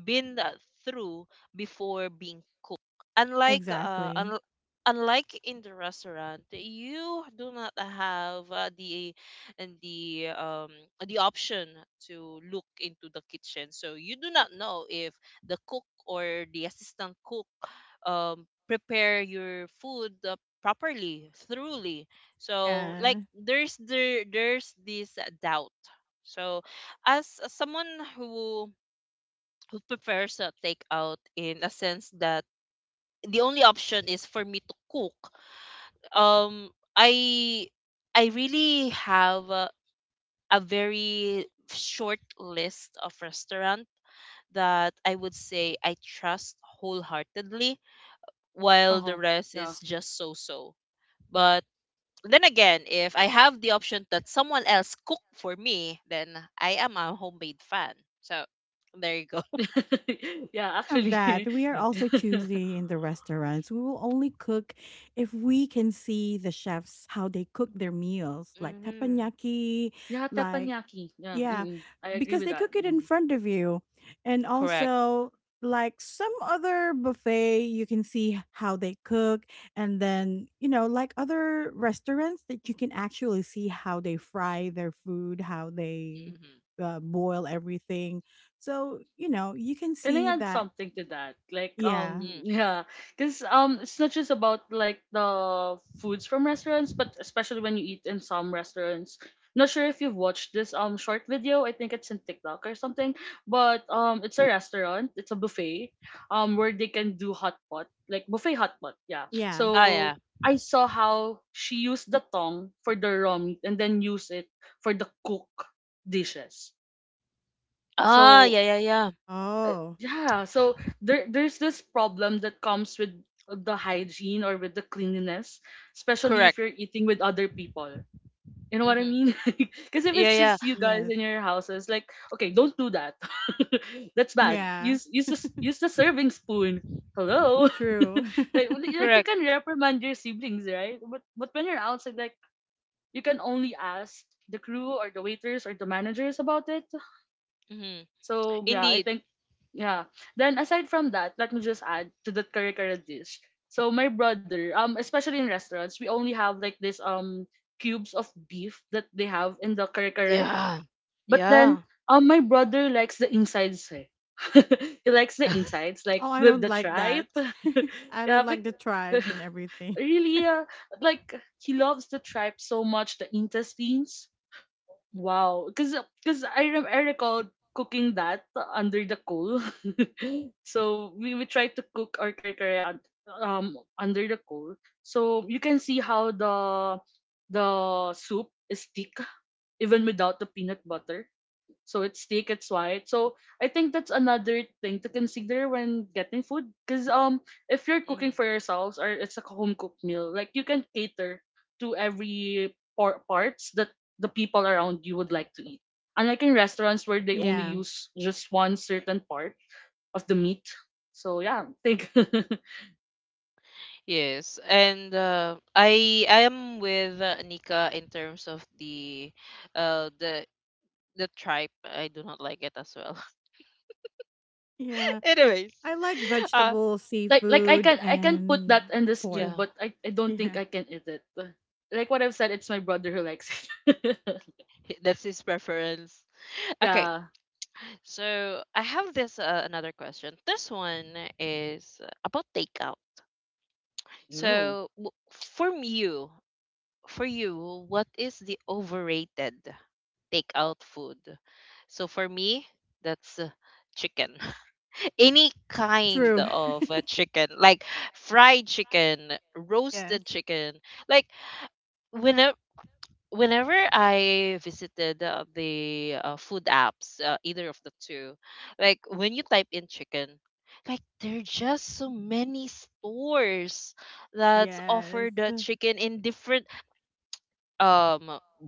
[SPEAKER 1] been through before being cooked. Unlike uh,
[SPEAKER 2] Exactly.
[SPEAKER 1] un- unlike in the restaurant, you do not have the and the the option to look into the kitchen, so you do not know if the cook or the assistant cook um prepare your food properly, thoroughly. So like
[SPEAKER 2] Yeah.
[SPEAKER 1] there's this doubt. So as someone who who prefers a takeout, in a sense that the only option is for me to cook. Um, I I really have a very short list of restaurant that I would say I trust wholeheartedly,
[SPEAKER 3] Uh
[SPEAKER 1] while the
[SPEAKER 3] huh.
[SPEAKER 1] rest
[SPEAKER 3] Yeah.
[SPEAKER 1] is just so-so. But then again, if I have the option that someone else cook for me, then I am a homemade fan. So there you go.
[SPEAKER 3] yeah,
[SPEAKER 2] Of that,
[SPEAKER 3] actually.
[SPEAKER 2] we are also choosy in the restaurants. We will only cook if we can see the chefs how they cook their meals, like
[SPEAKER 1] Hmm.
[SPEAKER 2] teppanyaki,
[SPEAKER 3] Yeah,
[SPEAKER 2] like
[SPEAKER 3] teppanyaki. Yeah,
[SPEAKER 2] yeah,
[SPEAKER 3] mm-mm. I agree
[SPEAKER 2] because
[SPEAKER 3] with
[SPEAKER 2] they
[SPEAKER 3] that.
[SPEAKER 2] cook it in
[SPEAKER 3] Mm.
[SPEAKER 2] front of you. And
[SPEAKER 1] Correct.
[SPEAKER 2] also, like some other buffet, you can see how they cook. And then, you know, like other restaurants that you can actually see how they fry their food, how they
[SPEAKER 1] Hmm.
[SPEAKER 2] boil everything. So, you know, you can
[SPEAKER 3] Can I
[SPEAKER 2] see
[SPEAKER 3] add
[SPEAKER 2] that.
[SPEAKER 3] something to that? Like,
[SPEAKER 2] Yeah.
[SPEAKER 3] yeah, because it's not just about like the foods from restaurants, but especially when you eat in some restaurants. Not sure if you've watched this short video. I think it's in TikTok or something. But it's a restaurant. It's a buffet, where they can do hot pot, like buffet hot pot. Yeah.
[SPEAKER 2] Yeah.
[SPEAKER 1] Ah, yeah.
[SPEAKER 3] So I saw how she used the tongue for the raw meat and then use it for the cook dishes.
[SPEAKER 1] Ah,
[SPEAKER 3] So
[SPEAKER 1] yeah, yeah, yeah.
[SPEAKER 2] Oh,
[SPEAKER 3] yeah, so there's this problem that comes with the hygiene or with the cleanliness, especially
[SPEAKER 1] Correct.
[SPEAKER 3] if you're eating with other people, you know what I
[SPEAKER 1] Mm-hmm.
[SPEAKER 3] mean? Because if
[SPEAKER 1] Yeah,
[SPEAKER 3] it's
[SPEAKER 1] yeah.
[SPEAKER 3] just you guys
[SPEAKER 2] yes.
[SPEAKER 3] in your houses, like, okay, don't do that. That's bad.
[SPEAKER 2] Yeah.
[SPEAKER 3] Use the serving spoon. Hello.
[SPEAKER 2] True.
[SPEAKER 3] Like, well, like, you
[SPEAKER 1] Correct.
[SPEAKER 3] can reprimand your siblings, right? But when you're outside, like, you can only ask the crew or the waiters or the managers about it.
[SPEAKER 1] Mm-hmm.
[SPEAKER 3] So yeah, I
[SPEAKER 1] Indeed.
[SPEAKER 3] think yeah. Then aside from that, let me just add to that curry curry dish. So my brother, especially in restaurants, we only have like this cubes of beef that they have in the curry curry.
[SPEAKER 1] Yeah.
[SPEAKER 3] But then
[SPEAKER 1] Yeah.
[SPEAKER 3] my brother likes the insides. Eh. He likes the insides, like
[SPEAKER 2] Oh, I
[SPEAKER 3] the
[SPEAKER 2] don't
[SPEAKER 3] the
[SPEAKER 2] like
[SPEAKER 3] tripe.
[SPEAKER 2] that. I
[SPEAKER 3] yeah,
[SPEAKER 2] don't like the tribes and everything.
[SPEAKER 3] really, like, he loves the tripe so much, the intestines. Wow. Because I recall cooking that under the coal. So we try to cook our kare under the coal. So you can see how the soup is thick even without the peanut butter. So its thick, it's white. So I think that's another thing to consider when getting food. Cause if you're cooking for
[SPEAKER 1] Hmm.
[SPEAKER 3] yourselves or it's a home cooked meal, like, you can cater to every parts that the people around you would like to eat. Unlike in restaurants where they only
[SPEAKER 2] Yeah.
[SPEAKER 3] use just one certain part of the meat. So yeah, think.
[SPEAKER 1] Yes, and I am with Nika in terms of the uh the the tribe. I do not like it as well.
[SPEAKER 2] Yeah,
[SPEAKER 1] Anyways,
[SPEAKER 2] I like
[SPEAKER 1] uh
[SPEAKER 2] vegetable,
[SPEAKER 3] Like I
[SPEAKER 2] seafood,
[SPEAKER 3] can I can put that
[SPEAKER 2] and
[SPEAKER 3] in this too,
[SPEAKER 1] yeah,
[SPEAKER 2] pork.
[SPEAKER 3] but I don't think
[SPEAKER 2] Yeah,
[SPEAKER 3] I can eat it. Like what I've said, it's my brother who likes it.
[SPEAKER 1] that's his preference. Okay,
[SPEAKER 3] yeah.
[SPEAKER 1] so I have this another question. This one is about takeout.
[SPEAKER 3] Ew.
[SPEAKER 1] So w- from you, for you, what is the overrated takeout food? So for me, that's chicken. Any kind
[SPEAKER 2] true.
[SPEAKER 1] of chicken, like fried chicken,
[SPEAKER 2] Yes,
[SPEAKER 1] roasted chicken. Like whenever whenever I visited the food apps, either of the two, like when you type in chicken, like there are just so many stores that offer
[SPEAKER 2] yes.
[SPEAKER 1] the
[SPEAKER 2] Well,
[SPEAKER 1] chicken in different um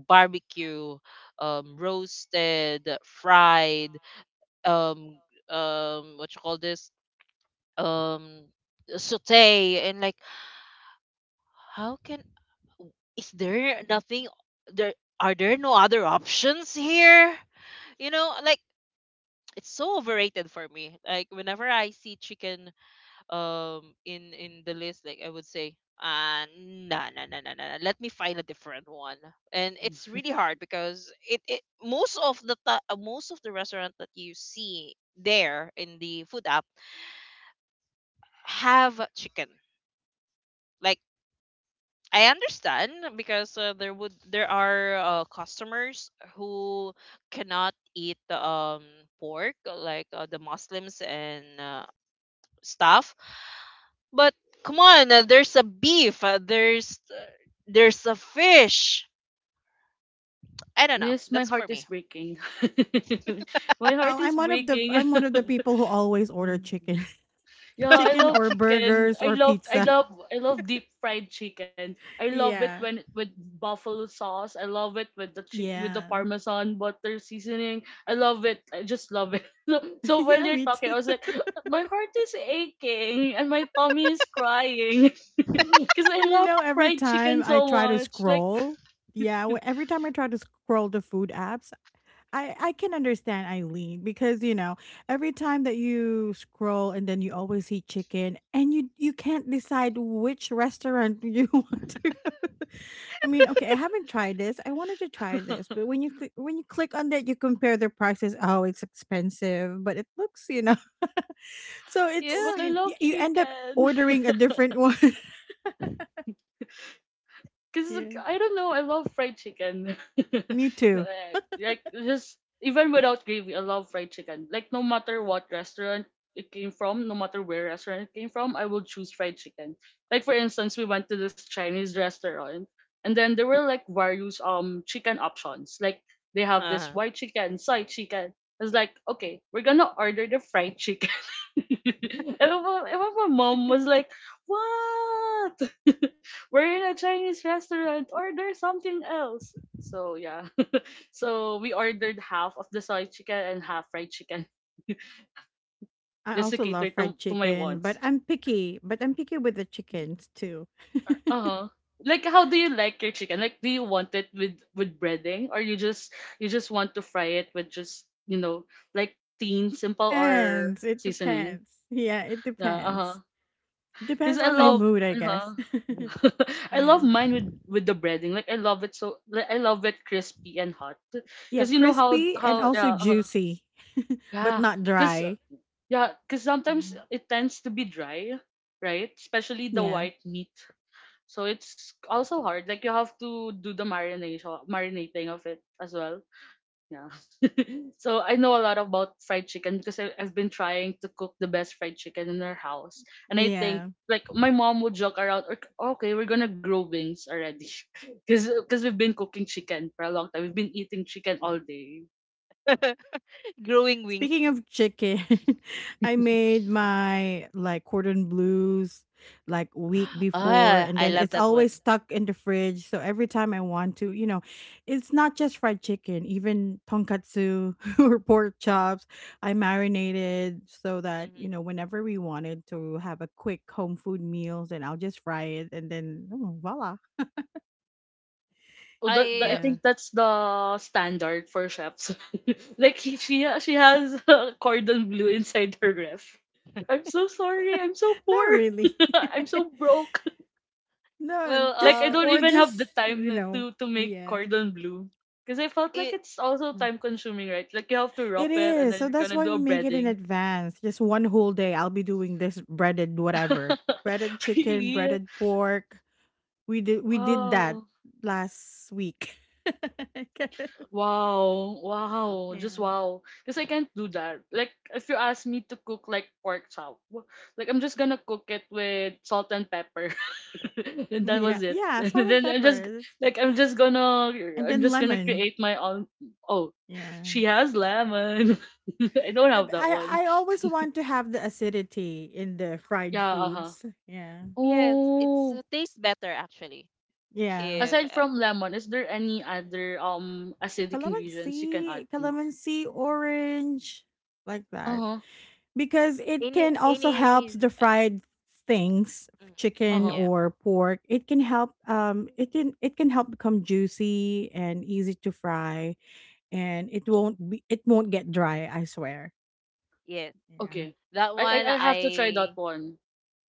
[SPEAKER 1] barbecue, roasted, fried, um what you call this, um saute, and like how can is there nothing there, are there no other options here, like it's so overrated for me. Like whenever I see chicken in the list, like I would say nah, nah, nah, nah, nah, nah, let me find a different one. And it's really hard because it most of the most of the restaurant that you see there in the food app have chicken. Like I understand because there are customers who cannot eat pork, like the Muslims and stuff. But come on, there's a beef, there's a fish. I don't know.
[SPEAKER 3] Miss, my
[SPEAKER 1] That's
[SPEAKER 3] heart
[SPEAKER 1] for
[SPEAKER 3] is
[SPEAKER 1] me.
[SPEAKER 3] breaking. My heart
[SPEAKER 2] I'm
[SPEAKER 3] is
[SPEAKER 2] one of the
[SPEAKER 3] breaking.
[SPEAKER 2] I'm one of the people who always order chicken,
[SPEAKER 3] yeah, I
[SPEAKER 2] chicken
[SPEAKER 3] love
[SPEAKER 2] or
[SPEAKER 3] chicken.
[SPEAKER 2] burgers
[SPEAKER 3] I
[SPEAKER 2] or
[SPEAKER 3] love I
[SPEAKER 2] pizza.
[SPEAKER 3] love I love deep fried chicken. I love it
[SPEAKER 2] Yeah,
[SPEAKER 3] when with buffalo sauce. I love it with with the
[SPEAKER 2] yeah,
[SPEAKER 3] parmesan butter seasoning. I love it. I just love it. So while
[SPEAKER 2] yeah.
[SPEAKER 3] you're
[SPEAKER 2] Me
[SPEAKER 3] talking, I
[SPEAKER 2] too.
[SPEAKER 3] was like, my heart is aching and my tummy is crying. Because I
[SPEAKER 2] But you
[SPEAKER 3] love
[SPEAKER 2] know, every
[SPEAKER 3] fried chicken
[SPEAKER 2] time I
[SPEAKER 3] so
[SPEAKER 2] try to
[SPEAKER 3] much. Like.
[SPEAKER 2] scroll, yeah, every time I try to scroll the food apps, I can understand Eileen because you know every time that you scroll and then you always see chicken and you can't decide which restaurant you want to go. I mean, okay, I haven't tried this. I wanted to try this, but when you click on that, you compare the prices. Oh, it's expensive, but it looks, you know. So
[SPEAKER 3] Oh,
[SPEAKER 2] it's,
[SPEAKER 3] but I
[SPEAKER 1] Yeah.
[SPEAKER 2] you know,
[SPEAKER 3] love
[SPEAKER 2] you end up
[SPEAKER 3] chicken.
[SPEAKER 2] ordering a different one.
[SPEAKER 3] Because
[SPEAKER 2] Yeah,
[SPEAKER 3] I don't know, I love fried chicken.
[SPEAKER 2] me too.
[SPEAKER 3] Like, just even without gravy, I love fried chicken. Like, no matter what restaurant it came from, no matter where restaurant it came from, I will choose fried chicken. Like, for instance, we went to this Chinese restaurant, and then there were like various chicken options. Like, they have this
[SPEAKER 1] Uh-huh.
[SPEAKER 3] white chicken, side chicken. It's like, okay, we're gonna order the fried chicken. And my mom was like, what? We're in a Chinese restaurant. Order something else. So, yeah. So, we ordered half of the soy chicken and half fried chicken
[SPEAKER 2] I
[SPEAKER 3] just to
[SPEAKER 2] also love
[SPEAKER 3] cater
[SPEAKER 2] fried
[SPEAKER 3] to my
[SPEAKER 2] chicken, but
[SPEAKER 3] wants.
[SPEAKER 2] I'm picky. But I'm picky with the chickens too.
[SPEAKER 3] Uh huh. Like, how do you like your chicken? Like, do you want it with breading, or you just want to fry it with just like, thin, simple or
[SPEAKER 2] Depends, it
[SPEAKER 3] seasoning?
[SPEAKER 2] depends. Yeah, it
[SPEAKER 3] Yeah. Uh huh.
[SPEAKER 2] depends.
[SPEAKER 3] Cause
[SPEAKER 2] Depends
[SPEAKER 3] I
[SPEAKER 2] on my
[SPEAKER 3] love,
[SPEAKER 1] Oh,
[SPEAKER 2] mood, I guess.
[SPEAKER 3] uh-huh. I love
[SPEAKER 2] Yeah.
[SPEAKER 3] mine with the breading. Like, I love it so, like, I love it crispy and hot.
[SPEAKER 2] Yeah,
[SPEAKER 3] Cause you know how
[SPEAKER 2] crispy and
[SPEAKER 3] how
[SPEAKER 2] also
[SPEAKER 3] yeah,
[SPEAKER 2] juicy, but
[SPEAKER 3] yeah.
[SPEAKER 2] not
[SPEAKER 3] Cause
[SPEAKER 2] dry.
[SPEAKER 3] yeah. Cause sometimes
[SPEAKER 2] Mm.
[SPEAKER 3] it tends to be dry, right? Especially the
[SPEAKER 2] Yeah.
[SPEAKER 3] white meat. So it's also hard. Like, you have to do the marination marinating of it as well. Yeah. So I know a lot about fried chicken because I've been trying to cook the best fried chicken in our house. And I think
[SPEAKER 2] Yeah.
[SPEAKER 3] like my mom would joke around, "Okay, we're gonna grow wings already." because we've been cooking chicken for a long time. We've been eating chicken all day.
[SPEAKER 1] growing wings.
[SPEAKER 2] Speaking of chicken, I made my like cordon blues like week before
[SPEAKER 1] Ah,
[SPEAKER 2] and
[SPEAKER 1] I
[SPEAKER 2] then
[SPEAKER 1] love
[SPEAKER 2] it's
[SPEAKER 1] that one.
[SPEAKER 2] always stuck in the fridge. So every time I want to, you know, it's not just fried chicken, even tonkatsu or pork chops, I marinated so that, you know,
[SPEAKER 1] Hmm.
[SPEAKER 2] whenever we wanted to have a quick home food meals and I'll just fry it and then oh, voila.
[SPEAKER 3] Oh, I
[SPEAKER 1] I
[SPEAKER 2] Yeah.
[SPEAKER 3] think that's the standard for chefs. Like, she has a cordon bleu inside her ref. I'm so sorry. I'm so poor.
[SPEAKER 2] Not really.
[SPEAKER 3] I'm so broke.
[SPEAKER 2] No,
[SPEAKER 1] Well,
[SPEAKER 3] Like, I
[SPEAKER 2] just
[SPEAKER 3] don't
[SPEAKER 2] or
[SPEAKER 3] even have the
[SPEAKER 2] just,
[SPEAKER 3] time
[SPEAKER 2] you know,
[SPEAKER 3] to make
[SPEAKER 2] yeah.
[SPEAKER 3] cordon bleu because I felt like
[SPEAKER 1] it
[SPEAKER 3] it's also time consuming, right? Like, you have to
[SPEAKER 2] It
[SPEAKER 3] wrap it and
[SPEAKER 2] is.
[SPEAKER 3] then
[SPEAKER 2] So
[SPEAKER 3] you're
[SPEAKER 2] that's
[SPEAKER 3] gonna
[SPEAKER 2] why
[SPEAKER 3] do
[SPEAKER 2] we
[SPEAKER 3] a
[SPEAKER 2] make it in
[SPEAKER 3] breading.
[SPEAKER 2] advance. Just one whole day I'll be doing this breaded whatever. Breaded chicken,
[SPEAKER 3] really?
[SPEAKER 2] breaded pork. We did that
[SPEAKER 3] Wow.
[SPEAKER 2] last week.
[SPEAKER 3] Wow,
[SPEAKER 1] Uh,
[SPEAKER 3] wow, just
[SPEAKER 2] Yeah.
[SPEAKER 3] wow. Because I can't do that. Like, if you ask me to cook like pork chop, like, I'm just gonna cook it with salt and pepper, and that
[SPEAKER 2] Yeah.
[SPEAKER 3] was it.
[SPEAKER 2] Yeah,
[SPEAKER 3] And
[SPEAKER 2] salt and
[SPEAKER 3] then I'm just
[SPEAKER 2] peppers
[SPEAKER 3] like
[SPEAKER 2] and then
[SPEAKER 3] I'm just gonna
[SPEAKER 2] lemon.
[SPEAKER 3] create my own. Oh,
[SPEAKER 2] Yeah.
[SPEAKER 3] she has lemon. I don't
[SPEAKER 2] Eh,
[SPEAKER 3] have that one.
[SPEAKER 2] I always want to have the acidity in the fried
[SPEAKER 3] Yeah. Uh huh.
[SPEAKER 2] foods. Yeah.
[SPEAKER 1] yes, it's
[SPEAKER 3] Oh.
[SPEAKER 1] tastes better actually.
[SPEAKER 2] Yeah.
[SPEAKER 1] If
[SPEAKER 3] Aside from lemon, is there any other acidic ingredients you can add?
[SPEAKER 2] Calamansi, calamansi, orange, like
[SPEAKER 3] Uh
[SPEAKER 2] that.
[SPEAKER 3] huh.
[SPEAKER 2] Because it
[SPEAKER 1] any
[SPEAKER 2] can also
[SPEAKER 1] any,
[SPEAKER 2] help the
[SPEAKER 1] uh,
[SPEAKER 2] fried things,
[SPEAKER 1] mm,
[SPEAKER 3] Uh
[SPEAKER 2] chicken
[SPEAKER 3] huh.
[SPEAKER 1] yeah,
[SPEAKER 2] or pork, it can help, it can, it can help become juicy and easy to fry and it won't get dry, I swear.
[SPEAKER 1] yes,
[SPEAKER 2] Yeah.
[SPEAKER 3] Okay.
[SPEAKER 1] that
[SPEAKER 3] I,
[SPEAKER 1] one
[SPEAKER 3] I I have to try
[SPEAKER 1] I
[SPEAKER 3] that one.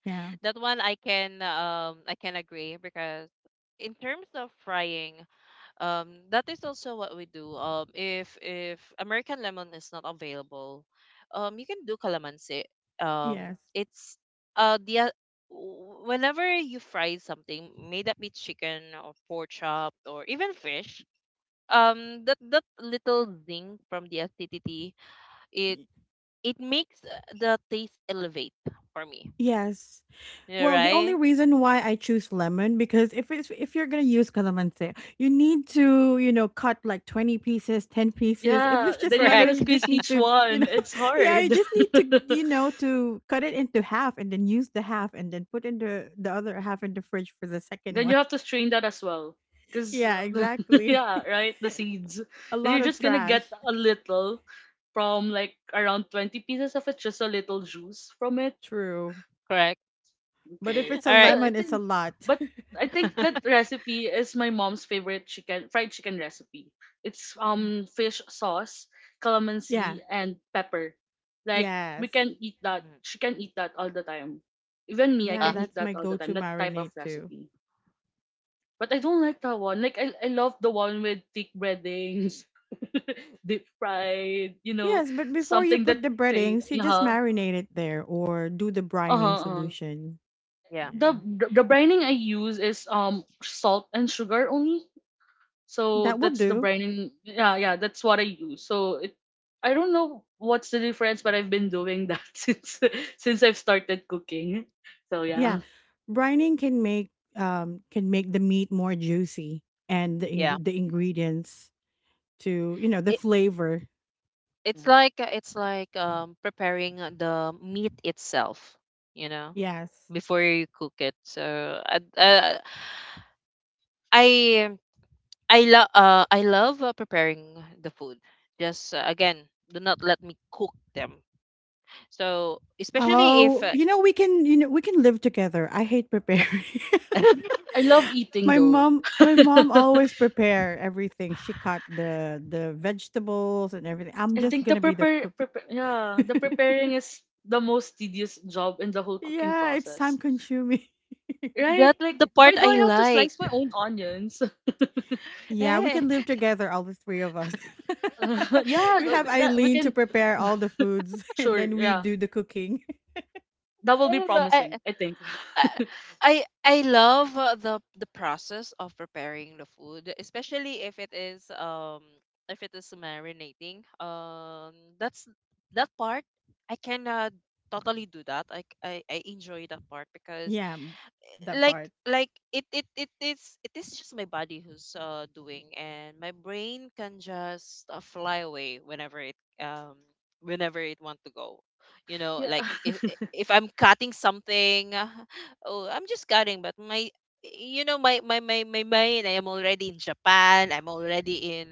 [SPEAKER 2] Yeah.
[SPEAKER 1] that one I can agree because in terms of frying, that is also what we do. If American lemon is not available, you can do calamansi. um
[SPEAKER 2] Yes.
[SPEAKER 1] it's uh the o- Whenever you fry something, may that be chicken or pork chop or even fish, that little zing from the acidity, it
[SPEAKER 2] Y-
[SPEAKER 1] it makes the taste elevate for me.
[SPEAKER 2] yes.
[SPEAKER 1] Yeah,
[SPEAKER 2] Well, the only
[SPEAKER 1] right.
[SPEAKER 2] reason why I choose lemon because if it's, if you're gonna use calamansi, you need to, you know, cut like 20 pieces, 10 pieces. If
[SPEAKER 3] Yeah,
[SPEAKER 2] it's
[SPEAKER 3] then
[SPEAKER 2] just
[SPEAKER 3] you're
[SPEAKER 2] lemon,
[SPEAKER 3] gonna
[SPEAKER 1] Correct.
[SPEAKER 2] you just
[SPEAKER 3] squeeze
[SPEAKER 2] need to,
[SPEAKER 3] each
[SPEAKER 2] you
[SPEAKER 3] one.
[SPEAKER 2] know,
[SPEAKER 3] It's
[SPEAKER 2] yeah, you
[SPEAKER 3] hard.
[SPEAKER 2] just need to, you know, to cut it into half and then use the half and then put in the other half in the fridge for the second
[SPEAKER 3] Then you
[SPEAKER 2] one.
[SPEAKER 3] have to strain that as well. Cause
[SPEAKER 2] Yeah, exactly.
[SPEAKER 3] yeah, right, the seeds.
[SPEAKER 2] A
[SPEAKER 3] Then you're
[SPEAKER 2] lot of
[SPEAKER 3] just gonna get
[SPEAKER 2] trash.
[SPEAKER 3] a little from like around 20 pieces of it, just a little juice from it.
[SPEAKER 2] True,
[SPEAKER 1] Correct.
[SPEAKER 2] but if
[SPEAKER 3] Okay.
[SPEAKER 2] it's
[SPEAKER 1] All
[SPEAKER 2] a
[SPEAKER 1] right.
[SPEAKER 3] The, I
[SPEAKER 2] lemon, it's a
[SPEAKER 3] think,
[SPEAKER 2] lot.
[SPEAKER 3] I think that
[SPEAKER 1] Mm.
[SPEAKER 3] recipe is my mom's favorite chicken fried chicken recipe. It's fish sauce,
[SPEAKER 2] Yeah.
[SPEAKER 3] calamansi, and pepper. Like, we
[SPEAKER 2] Yes.
[SPEAKER 3] can eat that. She can eat that all the time. Even me, I
[SPEAKER 2] Yeah,
[SPEAKER 3] can
[SPEAKER 1] Ah,
[SPEAKER 3] eat
[SPEAKER 2] that's my
[SPEAKER 3] that all the
[SPEAKER 2] go-to
[SPEAKER 3] time. That type of
[SPEAKER 2] marinade too.
[SPEAKER 3] recipe. But I don't like that one. Like, I love the one with thick breadings, deep fried. You know,
[SPEAKER 2] Yes, but before you
[SPEAKER 3] something that
[SPEAKER 2] put the
[SPEAKER 3] they
[SPEAKER 2] breadings, you just marinate it there or do the
[SPEAKER 3] uh
[SPEAKER 2] brining
[SPEAKER 3] huh
[SPEAKER 2] solution.
[SPEAKER 1] yeah,
[SPEAKER 3] the
[SPEAKER 2] Yeah.
[SPEAKER 3] the brining I use is salt and sugar only. So
[SPEAKER 2] That will
[SPEAKER 3] that's the
[SPEAKER 2] do.
[SPEAKER 3] brining. Yeah, yeah, that's what I use. I don't know what's the difference, but I've been doing that since I've started cooking. So
[SPEAKER 2] Yeah.
[SPEAKER 3] yeah,
[SPEAKER 2] Brining can make, can make the meat more juicy and
[SPEAKER 1] yeah.
[SPEAKER 2] the ingredients to, you know, the flavor. Yeah.
[SPEAKER 1] It's like preparing the meat itself, you know,
[SPEAKER 2] Yes.
[SPEAKER 1] before you cook it. So I uh, I I love preparing the food. Just again, do not let me cook them. So especially if
[SPEAKER 2] Oh, you know we can, you know, we can live together. I hate preparing.
[SPEAKER 3] I love eating though.
[SPEAKER 2] My mom always prepare everything. She cut the vegetables and everything. I'm
[SPEAKER 3] I
[SPEAKER 2] just
[SPEAKER 3] think the
[SPEAKER 2] gonna be the
[SPEAKER 3] prepare,
[SPEAKER 2] cook.
[SPEAKER 3] prepare yeah the preparing is the most tedious job in the whole cooking
[SPEAKER 2] Yeah, it's time
[SPEAKER 3] process.
[SPEAKER 2] consuming.
[SPEAKER 3] Right?
[SPEAKER 1] that's
[SPEAKER 3] Like,
[SPEAKER 1] the part
[SPEAKER 3] why do I
[SPEAKER 1] I
[SPEAKER 3] have to
[SPEAKER 1] like.
[SPEAKER 3] slice my own onions?
[SPEAKER 2] Yeah, we
[SPEAKER 1] Eh,
[SPEAKER 2] can live together, all the three of us.
[SPEAKER 3] Yeah,
[SPEAKER 2] We have
[SPEAKER 3] that, we
[SPEAKER 2] Eileen to
[SPEAKER 3] can.
[SPEAKER 2] prepare all the foods and
[SPEAKER 3] Sure.
[SPEAKER 2] then we
[SPEAKER 3] Yeah.
[SPEAKER 2] do the cooking.
[SPEAKER 3] That will
[SPEAKER 1] I
[SPEAKER 3] be
[SPEAKER 1] don't know.
[SPEAKER 3] promising, I think.
[SPEAKER 1] I I I love the process of preparing the food, especially if it is marinating. That's that part I can totally do that. I enjoy that part because
[SPEAKER 2] Yeah, that
[SPEAKER 1] like
[SPEAKER 2] part.
[SPEAKER 1] it is just my body who's doing, and my brain can just fly away whenever it um want to go. You know,
[SPEAKER 3] yeah.
[SPEAKER 1] like if I'm cutting something oh, I'm just cutting, but my you know my my my my mind, I am already in Japan. I'm already in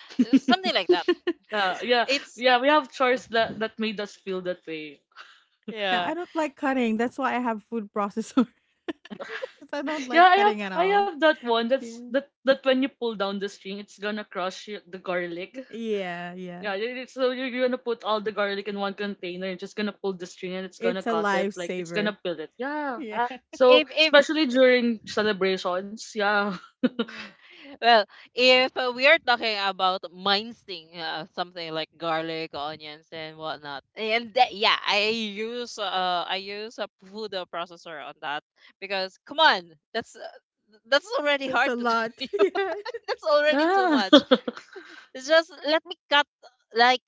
[SPEAKER 1] something like that.
[SPEAKER 3] yeah.
[SPEAKER 1] it's
[SPEAKER 3] Yeah.
[SPEAKER 1] it's-
[SPEAKER 3] Yeah. We have chores that made us feel that way.
[SPEAKER 2] Yeah, I
[SPEAKER 1] yeah.
[SPEAKER 2] don't like cutting. That's why I have food processor because I don't
[SPEAKER 3] Yeah,
[SPEAKER 2] like
[SPEAKER 3] I have
[SPEAKER 2] cutting at
[SPEAKER 3] I
[SPEAKER 2] all.
[SPEAKER 3] have that one that's
[SPEAKER 2] Yeah.
[SPEAKER 3] that that when you pull down the string, it's gonna crush the garlic.
[SPEAKER 2] Yeah, yeah.
[SPEAKER 3] Yeah, so you're gonna put all the garlic in one container. You're just gonna pull the string and it's gonna
[SPEAKER 2] It's a
[SPEAKER 3] cut it, like, it's gonna
[SPEAKER 2] lifesaver.
[SPEAKER 3] peel it. Yeah.
[SPEAKER 2] Yeah.
[SPEAKER 1] uh,
[SPEAKER 3] So
[SPEAKER 1] if
[SPEAKER 3] especially during celebrations, yeah.
[SPEAKER 1] Yeah. Well, if we are talking about mincing something like garlic, onions, and whatnot, and that, yeah, I use a food processor on that because come on, that's already
[SPEAKER 2] That's
[SPEAKER 1] hard
[SPEAKER 2] a
[SPEAKER 1] to
[SPEAKER 2] lot.
[SPEAKER 1] do. That's already too
[SPEAKER 3] Yeah.
[SPEAKER 1] much. It's just, let me cut, like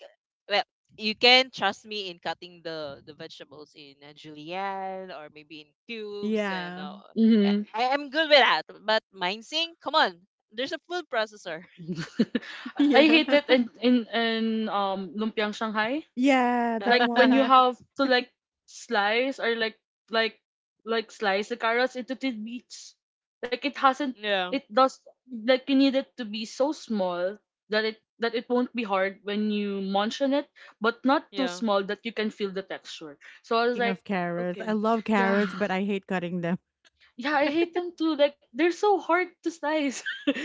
[SPEAKER 1] well, you can trust me in cutting the vegetables in a julienne or maybe in cubes, and
[SPEAKER 2] Yeah.
[SPEAKER 3] Mhm.
[SPEAKER 1] I'm good with that. But mincing, come on, there's a food processor.
[SPEAKER 3] I
[SPEAKER 2] Yeah.
[SPEAKER 3] hate it
[SPEAKER 2] Yeah.
[SPEAKER 3] in in in lumpiang Shanghai.
[SPEAKER 2] Yeah, that
[SPEAKER 3] Like, when you
[SPEAKER 2] one.
[SPEAKER 3] have to like, slice, or like like slice the carrots into tidbits. Like, it hasn't
[SPEAKER 1] Yeah,
[SPEAKER 3] it does like, you need it to be so small that it won't be hard when you munch on it, but not too
[SPEAKER 1] yeah.
[SPEAKER 3] small that you can feel the texture. So I was
[SPEAKER 2] Speaking
[SPEAKER 3] like,
[SPEAKER 2] of carrots, I
[SPEAKER 3] okay,
[SPEAKER 2] love
[SPEAKER 3] yeah.
[SPEAKER 2] carrots, but I hate cutting them.
[SPEAKER 3] Yeah, I hate them too. Like, they're so hard to slice.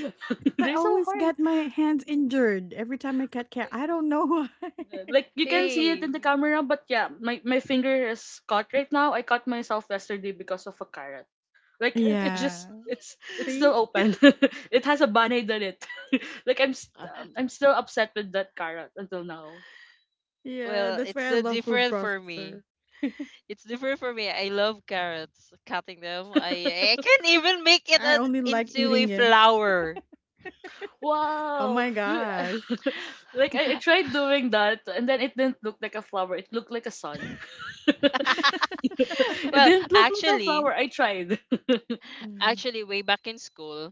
[SPEAKER 2] 'Cause
[SPEAKER 3] They're
[SPEAKER 2] I
[SPEAKER 3] so
[SPEAKER 2] always
[SPEAKER 3] hard.
[SPEAKER 2] get my hands injured every time I cut carrot. I don't know why.
[SPEAKER 3] Yeah. Like, you can see it in the
[SPEAKER 1] Hey,
[SPEAKER 3] camera, but yeah, my finger is caught right now. I cut myself yesterday because of a carrot. Like, it, it
[SPEAKER 2] Yeah.
[SPEAKER 3] just it's it's still
[SPEAKER 2] See?
[SPEAKER 3] open. It has a band-aid on it. Like, I'm st-
[SPEAKER 1] uh,
[SPEAKER 3] um, I'm still upset with that carrot until now.
[SPEAKER 2] Yeah,
[SPEAKER 1] well,
[SPEAKER 2] that's why
[SPEAKER 1] it's
[SPEAKER 2] I love food
[SPEAKER 1] different for me.
[SPEAKER 2] processor.
[SPEAKER 1] It's different for me. I love carrots, cutting them. I can even make it
[SPEAKER 2] I only like
[SPEAKER 1] into a
[SPEAKER 2] eating him.
[SPEAKER 1] flower.
[SPEAKER 2] Oh
[SPEAKER 3] wow.
[SPEAKER 2] my gosh.
[SPEAKER 3] Like, I tried doing that and then it didn't look like a flower. It looked like a sun. It
[SPEAKER 1] well,
[SPEAKER 3] didn't look like a
[SPEAKER 1] actually,
[SPEAKER 3] flower. I tried.
[SPEAKER 2] Mm.
[SPEAKER 1] Actually, way back in school,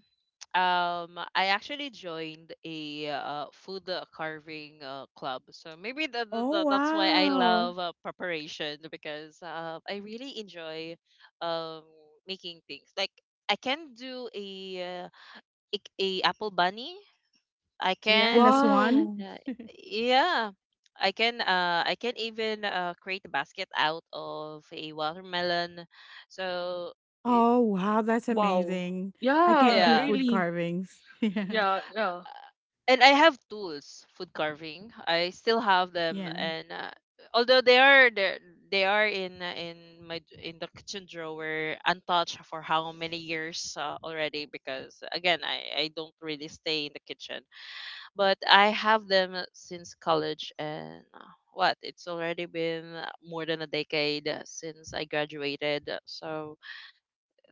[SPEAKER 1] I actually joined a food carving club. So maybe
[SPEAKER 2] Oh
[SPEAKER 1] that's why I
[SPEAKER 2] wow.
[SPEAKER 1] love preparation because I really enjoy um, making things. Like I can do a apple bunny. I
[SPEAKER 2] Yeah, and a
[SPEAKER 1] can,
[SPEAKER 2] swan.
[SPEAKER 3] wow.
[SPEAKER 1] uh, yeah. I can even create a basket out of a watermelon. So y-
[SPEAKER 2] Oh wow, that's
[SPEAKER 3] Wow.
[SPEAKER 2] amazing. I
[SPEAKER 3] Yeah,
[SPEAKER 2] can't do
[SPEAKER 1] yeah,
[SPEAKER 2] food
[SPEAKER 3] really.
[SPEAKER 2] carvings. Yeah.
[SPEAKER 3] Yeah, yeah.
[SPEAKER 1] and I have tools, food carving. I still have them,
[SPEAKER 2] Yeah.
[SPEAKER 1] and although they are in the kitchen drawer, untouched for how many years already? Because again, I don't really stay in the kitchen, but I have them since college, and what, it's already been more than a decade since I graduated, so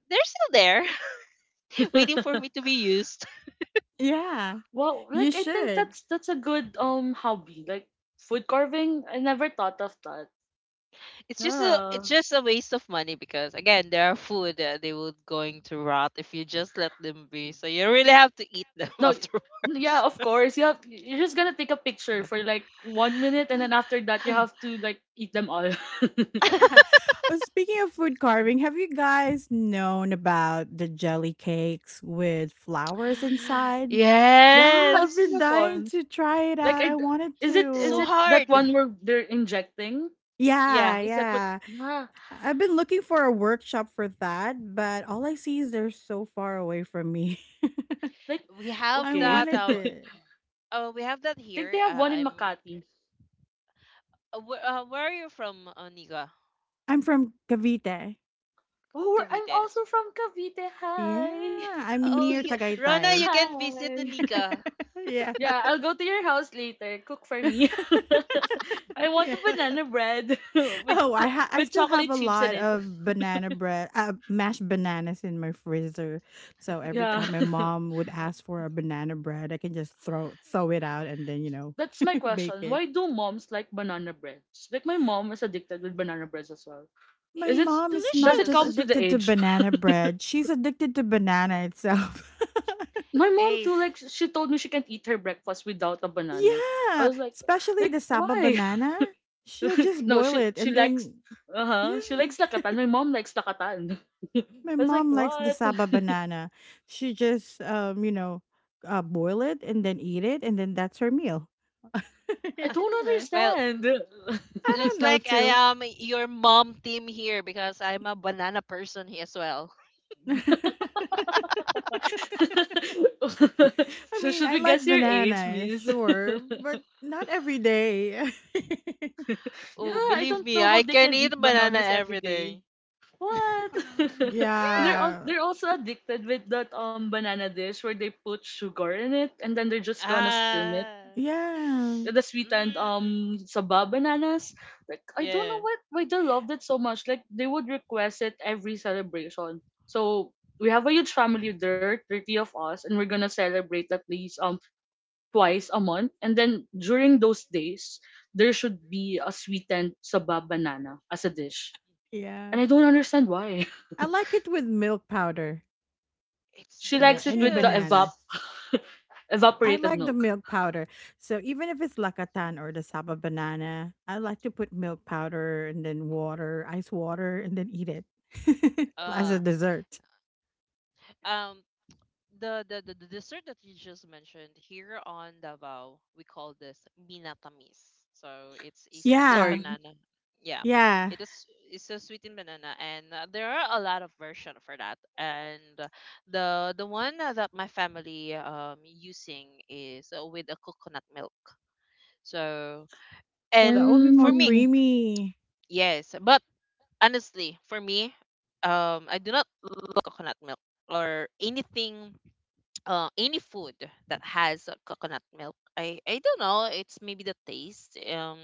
[SPEAKER 1] they're still there, waiting for me to be used.
[SPEAKER 2] Yeah.
[SPEAKER 3] Wow,
[SPEAKER 2] You
[SPEAKER 3] like, I think
[SPEAKER 2] should.
[SPEAKER 3] that's a good hobby. Like, food carving, I never thought of that.
[SPEAKER 1] It's
[SPEAKER 3] Yeah.
[SPEAKER 1] just a waste of money because again, there are food that they would going to rot if you just let them be, so you really have to eat them
[SPEAKER 3] No, yeah,
[SPEAKER 1] afterwards.
[SPEAKER 3] of course. You're just gonna take a picture for like 1 minute and then after that you have to, like, eat them all.
[SPEAKER 2] Speaking of food carving, have you guys known about the jelly cakes with flowers inside?
[SPEAKER 3] yeah, I've
[SPEAKER 1] Yes,
[SPEAKER 2] I've
[SPEAKER 3] seen
[SPEAKER 2] been
[SPEAKER 3] that
[SPEAKER 2] dying
[SPEAKER 3] one.
[SPEAKER 2] to try it
[SPEAKER 3] Like,
[SPEAKER 2] out. I wanted
[SPEAKER 3] is it is
[SPEAKER 1] so
[SPEAKER 2] to.
[SPEAKER 3] it that
[SPEAKER 1] hard.
[SPEAKER 3] one where they're injecting? Is
[SPEAKER 2] Yeah,
[SPEAKER 1] Yeah,
[SPEAKER 3] is that what,
[SPEAKER 2] yeah.
[SPEAKER 3] yeah.
[SPEAKER 2] I've been looking for a workshop for that, but all I see is they're so far away from me.
[SPEAKER 3] Like,
[SPEAKER 1] we
[SPEAKER 2] I
[SPEAKER 1] have
[SPEAKER 3] okay.
[SPEAKER 1] that
[SPEAKER 2] wanted
[SPEAKER 1] uh,
[SPEAKER 2] to.
[SPEAKER 1] we have that
[SPEAKER 3] I think
[SPEAKER 1] here.
[SPEAKER 3] they have one in Makati.
[SPEAKER 1] Where are you from, Nika?
[SPEAKER 2] I'm from Cavite.
[SPEAKER 3] Oh, I'm
[SPEAKER 1] Cavite.
[SPEAKER 3] also from Cavite.
[SPEAKER 2] Yeah,
[SPEAKER 3] Hi.
[SPEAKER 2] I'm
[SPEAKER 1] Oh,
[SPEAKER 2] near
[SPEAKER 1] you, Rana, you
[SPEAKER 2] Tagaytay.
[SPEAKER 1] can visit the
[SPEAKER 3] Hi.
[SPEAKER 1] Nika.
[SPEAKER 3] Yeah,
[SPEAKER 2] Yeah.
[SPEAKER 3] I'll go to your house later. Cook for me. I want
[SPEAKER 2] Yeah.
[SPEAKER 3] a banana bread
[SPEAKER 2] Oh, I
[SPEAKER 3] with
[SPEAKER 2] still have
[SPEAKER 3] chocolate
[SPEAKER 2] a
[SPEAKER 3] chips in
[SPEAKER 2] lot
[SPEAKER 3] it.
[SPEAKER 2] of banana bread, mashed bananas in my freezer. So every
[SPEAKER 3] Yeah.
[SPEAKER 2] time my mom would
[SPEAKER 1] Eh,
[SPEAKER 2] ask for a banana bread, I can just throw it out and then you know
[SPEAKER 3] That's my
[SPEAKER 2] make
[SPEAKER 3] question.
[SPEAKER 2] it.
[SPEAKER 3] Why do moms like banana breads? Like my mom is addicted with banana breads as well.
[SPEAKER 2] My
[SPEAKER 3] Is it
[SPEAKER 1] it's
[SPEAKER 2] mom is
[SPEAKER 3] does
[SPEAKER 2] not
[SPEAKER 3] it
[SPEAKER 2] just
[SPEAKER 3] comes
[SPEAKER 1] delicious.
[SPEAKER 3] with the
[SPEAKER 2] addicted to
[SPEAKER 3] age?
[SPEAKER 2] banana bread; she's addicted to banana itself.
[SPEAKER 3] My mom
[SPEAKER 1] Eh,
[SPEAKER 3] too, like, she told me she can't eat her breakfast without a banana. I
[SPEAKER 2] Yeah,
[SPEAKER 3] was like
[SPEAKER 2] especially
[SPEAKER 3] like
[SPEAKER 2] the saba
[SPEAKER 3] why?
[SPEAKER 2] banana. She'll just
[SPEAKER 3] No,
[SPEAKER 2] boil
[SPEAKER 3] she
[SPEAKER 2] it
[SPEAKER 3] she
[SPEAKER 2] and
[SPEAKER 3] likes
[SPEAKER 2] then
[SPEAKER 3] uh-huh. She likes
[SPEAKER 2] yeah.
[SPEAKER 3] Lakatan. My mom likes Lakatan. I
[SPEAKER 2] My
[SPEAKER 3] was like,
[SPEAKER 2] mom likes the
[SPEAKER 3] what?
[SPEAKER 2] saba banana. She just, you know, boil it and then eat it and then that's her meal.
[SPEAKER 3] I don't
[SPEAKER 2] You know.
[SPEAKER 1] well,
[SPEAKER 3] understand.
[SPEAKER 2] I
[SPEAKER 1] looks
[SPEAKER 2] don't know
[SPEAKER 1] like I
[SPEAKER 2] too.
[SPEAKER 1] am your mom team here because I'm a banana person here as well.
[SPEAKER 2] I
[SPEAKER 3] So
[SPEAKER 2] mean,
[SPEAKER 3] should
[SPEAKER 2] I
[SPEAKER 3] we
[SPEAKER 2] like
[SPEAKER 3] guess your age,
[SPEAKER 2] banana,
[SPEAKER 3] miss?
[SPEAKER 2] sure, but not every day.
[SPEAKER 1] Oh,
[SPEAKER 3] Yeah, I
[SPEAKER 1] believe
[SPEAKER 3] don't
[SPEAKER 1] me,
[SPEAKER 3] know how
[SPEAKER 1] I
[SPEAKER 3] they
[SPEAKER 1] can
[SPEAKER 3] can
[SPEAKER 1] eat
[SPEAKER 3] eat
[SPEAKER 1] banana
[SPEAKER 3] bananas every
[SPEAKER 1] every
[SPEAKER 3] day.
[SPEAKER 1] day.
[SPEAKER 3] What?
[SPEAKER 2] Oh,
[SPEAKER 3] And
[SPEAKER 2] yeah.
[SPEAKER 3] they're also addicted with that banana dish where they put sugar in it and then they're just gonna steam
[SPEAKER 1] Ah.
[SPEAKER 2] Yeah.
[SPEAKER 3] the sweetened
[SPEAKER 1] Mm-mm.
[SPEAKER 3] saba bananas. Like I don't know
[SPEAKER 1] Yeah.
[SPEAKER 3] what why they loved it so much. Like they would request it every celebration. So we have a huge family there, 30 of us, and we're gonna celebrate at least twice a month. And then during those days, there should be a sweetened saba banana as a dish.
[SPEAKER 2] Yeah.
[SPEAKER 3] And I don't understand why.
[SPEAKER 2] I like it with milk powder,
[SPEAKER 1] It's
[SPEAKER 3] She
[SPEAKER 2] you know,
[SPEAKER 3] likes it
[SPEAKER 2] any
[SPEAKER 3] with the
[SPEAKER 2] bananas.
[SPEAKER 3] evap
[SPEAKER 1] delicious.
[SPEAKER 2] I
[SPEAKER 3] evaporated
[SPEAKER 2] like the
[SPEAKER 3] milk.
[SPEAKER 2] milk powder. So even if it's Lakatan or the Saba banana, I like to put milk powder and then water, ice water, and then eat it as a
[SPEAKER 1] Uh,
[SPEAKER 2] dessert.
[SPEAKER 1] um the dessert that you just mentioned here on Davao, we call this minatamis. So it's a
[SPEAKER 3] S-
[SPEAKER 1] sweetened
[SPEAKER 2] Yeah.
[SPEAKER 3] Sorry.
[SPEAKER 1] banana. Yeah,
[SPEAKER 2] Yeah.
[SPEAKER 1] it is. It's a sweetened banana, and there are a lot of version for that. And the one that my family using is with a coconut milk. So and
[SPEAKER 2] That will be
[SPEAKER 1] for
[SPEAKER 2] more
[SPEAKER 1] me,
[SPEAKER 3] Mm.
[SPEAKER 2] creamy
[SPEAKER 1] yes, but honestly, for me, I do not love coconut milk or anything any food that has coconut milk. I don't know. It's maybe the taste.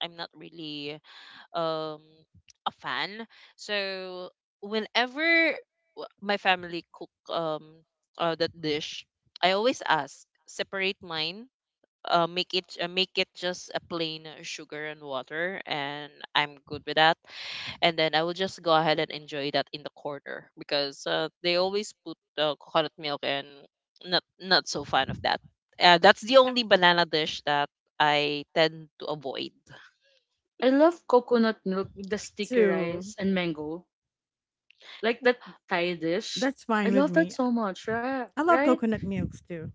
[SPEAKER 1] I'm not really um a fan. So whenever my family cook that dish, I always ask separate mine. Make it just a plain sugar and water, and I'm good with that, and then I will just go ahead and enjoy that in the corner because they always put coconut milk and not so fan of that. That's the only banana dish that I tend to avoid.
[SPEAKER 3] I love coconut milk with the sticky
[SPEAKER 2] too.
[SPEAKER 3] rice and mango, like that Thai dish.
[SPEAKER 2] That's
[SPEAKER 3] I
[SPEAKER 2] fine with
[SPEAKER 3] love that
[SPEAKER 2] me.
[SPEAKER 3] so much, right?
[SPEAKER 2] I love
[SPEAKER 3] Right?
[SPEAKER 2] coconut milks too.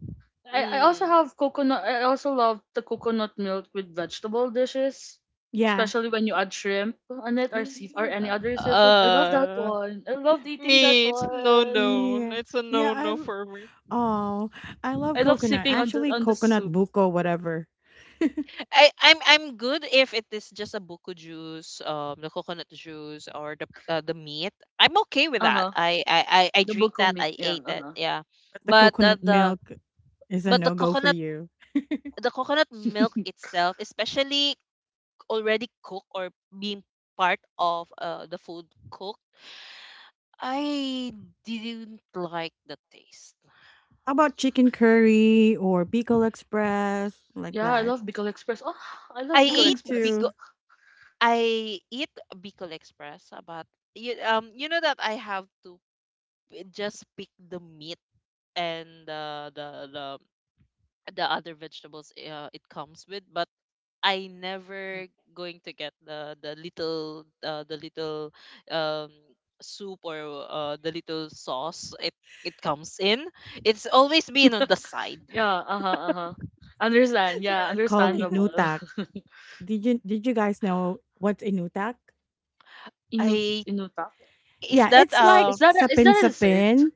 [SPEAKER 3] I also
[SPEAKER 1] Mm.
[SPEAKER 3] have coconut. I also love the coconut milk with vegetable dishes,
[SPEAKER 2] Yeah.
[SPEAKER 3] especially when you add shrimp on it or sea or any other seafood. I love that
[SPEAKER 1] Uh,
[SPEAKER 3] one. I love eating that
[SPEAKER 1] Me, it's no
[SPEAKER 3] one.
[SPEAKER 1] no.
[SPEAKER 2] Yeah.
[SPEAKER 1] It's a
[SPEAKER 2] Yeah.
[SPEAKER 1] no no for me.
[SPEAKER 2] Oh, I
[SPEAKER 3] I
[SPEAKER 2] love
[SPEAKER 3] love
[SPEAKER 2] coconut.
[SPEAKER 3] sipping on the
[SPEAKER 2] Actually, coconut
[SPEAKER 3] soup.
[SPEAKER 2] buko, whatever.
[SPEAKER 1] I'm good if it is just a buko juice, the coconut juice or the meat. I'm okay with
[SPEAKER 3] Uh
[SPEAKER 1] that.
[SPEAKER 3] huh.
[SPEAKER 1] I
[SPEAKER 3] The
[SPEAKER 1] drink
[SPEAKER 3] buko
[SPEAKER 1] that.
[SPEAKER 3] meat.
[SPEAKER 1] I
[SPEAKER 3] Yeah.
[SPEAKER 1] ate
[SPEAKER 3] Uh
[SPEAKER 1] it.
[SPEAKER 3] huh.
[SPEAKER 1] Yeah,
[SPEAKER 2] But the
[SPEAKER 1] but
[SPEAKER 2] coconut
[SPEAKER 1] the
[SPEAKER 2] milk is a
[SPEAKER 1] but the
[SPEAKER 2] no go for
[SPEAKER 1] coconut,
[SPEAKER 2] you.
[SPEAKER 1] the coconut milk itself, especially already cooked or being part of the food cooked, I didn't like the taste.
[SPEAKER 2] How about chicken curry or Bicol Express, like
[SPEAKER 3] Yeah. I
[SPEAKER 2] that?
[SPEAKER 3] love Bicol Express. Oh, I
[SPEAKER 1] I
[SPEAKER 3] love Bicol
[SPEAKER 2] Me
[SPEAKER 1] ate
[SPEAKER 3] Express.
[SPEAKER 2] too.
[SPEAKER 1] because I eat bicol express, but you, you know that I have to just pick the meat and the other vegetables it comes with, but I never going to get the the little um soup or the little sauce it it comes in. It's always been on the side.
[SPEAKER 3] Yeah, uh-huh, uh-huh. Understand. Yeah,
[SPEAKER 2] Called
[SPEAKER 1] So,
[SPEAKER 3] understandable.
[SPEAKER 2] inutak. Did you guys know what's inutak?
[SPEAKER 3] Inu
[SPEAKER 1] I
[SPEAKER 3] Inuta.
[SPEAKER 1] is
[SPEAKER 2] Yeah,
[SPEAKER 1] that
[SPEAKER 2] it's
[SPEAKER 3] Is
[SPEAKER 2] like
[SPEAKER 3] is
[SPEAKER 2] sapin
[SPEAKER 3] that a dessert?
[SPEAKER 2] sapin.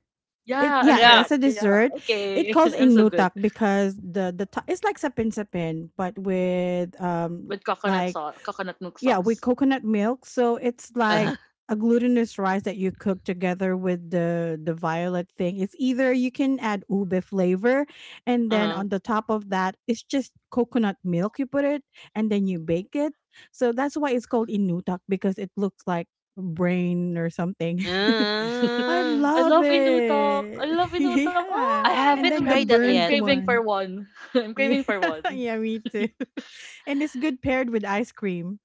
[SPEAKER 2] It
[SPEAKER 3] Yeah, I'm
[SPEAKER 2] yeah,
[SPEAKER 1] yeah.
[SPEAKER 2] that's
[SPEAKER 3] correct.
[SPEAKER 2] a
[SPEAKER 3] Yeah.
[SPEAKER 2] dessert.
[SPEAKER 3] Okay.
[SPEAKER 2] It calls
[SPEAKER 3] I'm so good
[SPEAKER 2] inutak because it's like sapin sapin, but with
[SPEAKER 3] with coconut
[SPEAKER 2] like
[SPEAKER 3] sauce, coconut milk
[SPEAKER 2] yeah, with
[SPEAKER 3] sauce.
[SPEAKER 2] coconut milk. So it's like a glutinous rice that you cook together with the violet thing. It's either you can add ube flavor and then
[SPEAKER 1] Uh-huh.
[SPEAKER 2] on the top of that it's just coconut milk you put it and then you bake it. So that's why it's called inutak because it looks like brain or something.
[SPEAKER 3] Mm.
[SPEAKER 2] I
[SPEAKER 1] Uh,
[SPEAKER 3] I
[SPEAKER 2] love
[SPEAKER 3] love Inutok. I
[SPEAKER 2] it.
[SPEAKER 3] love Inutok.
[SPEAKER 2] Yeah.
[SPEAKER 1] I
[SPEAKER 3] Oh,
[SPEAKER 2] And
[SPEAKER 1] haven't
[SPEAKER 2] then the
[SPEAKER 1] tried that
[SPEAKER 3] I'm
[SPEAKER 2] burnt
[SPEAKER 1] yet.
[SPEAKER 3] craving for
[SPEAKER 2] one.
[SPEAKER 3] one. I'm
[SPEAKER 2] Yeah,
[SPEAKER 3] craving for one.
[SPEAKER 2] yeah, me too. And it's good paired with ice cream.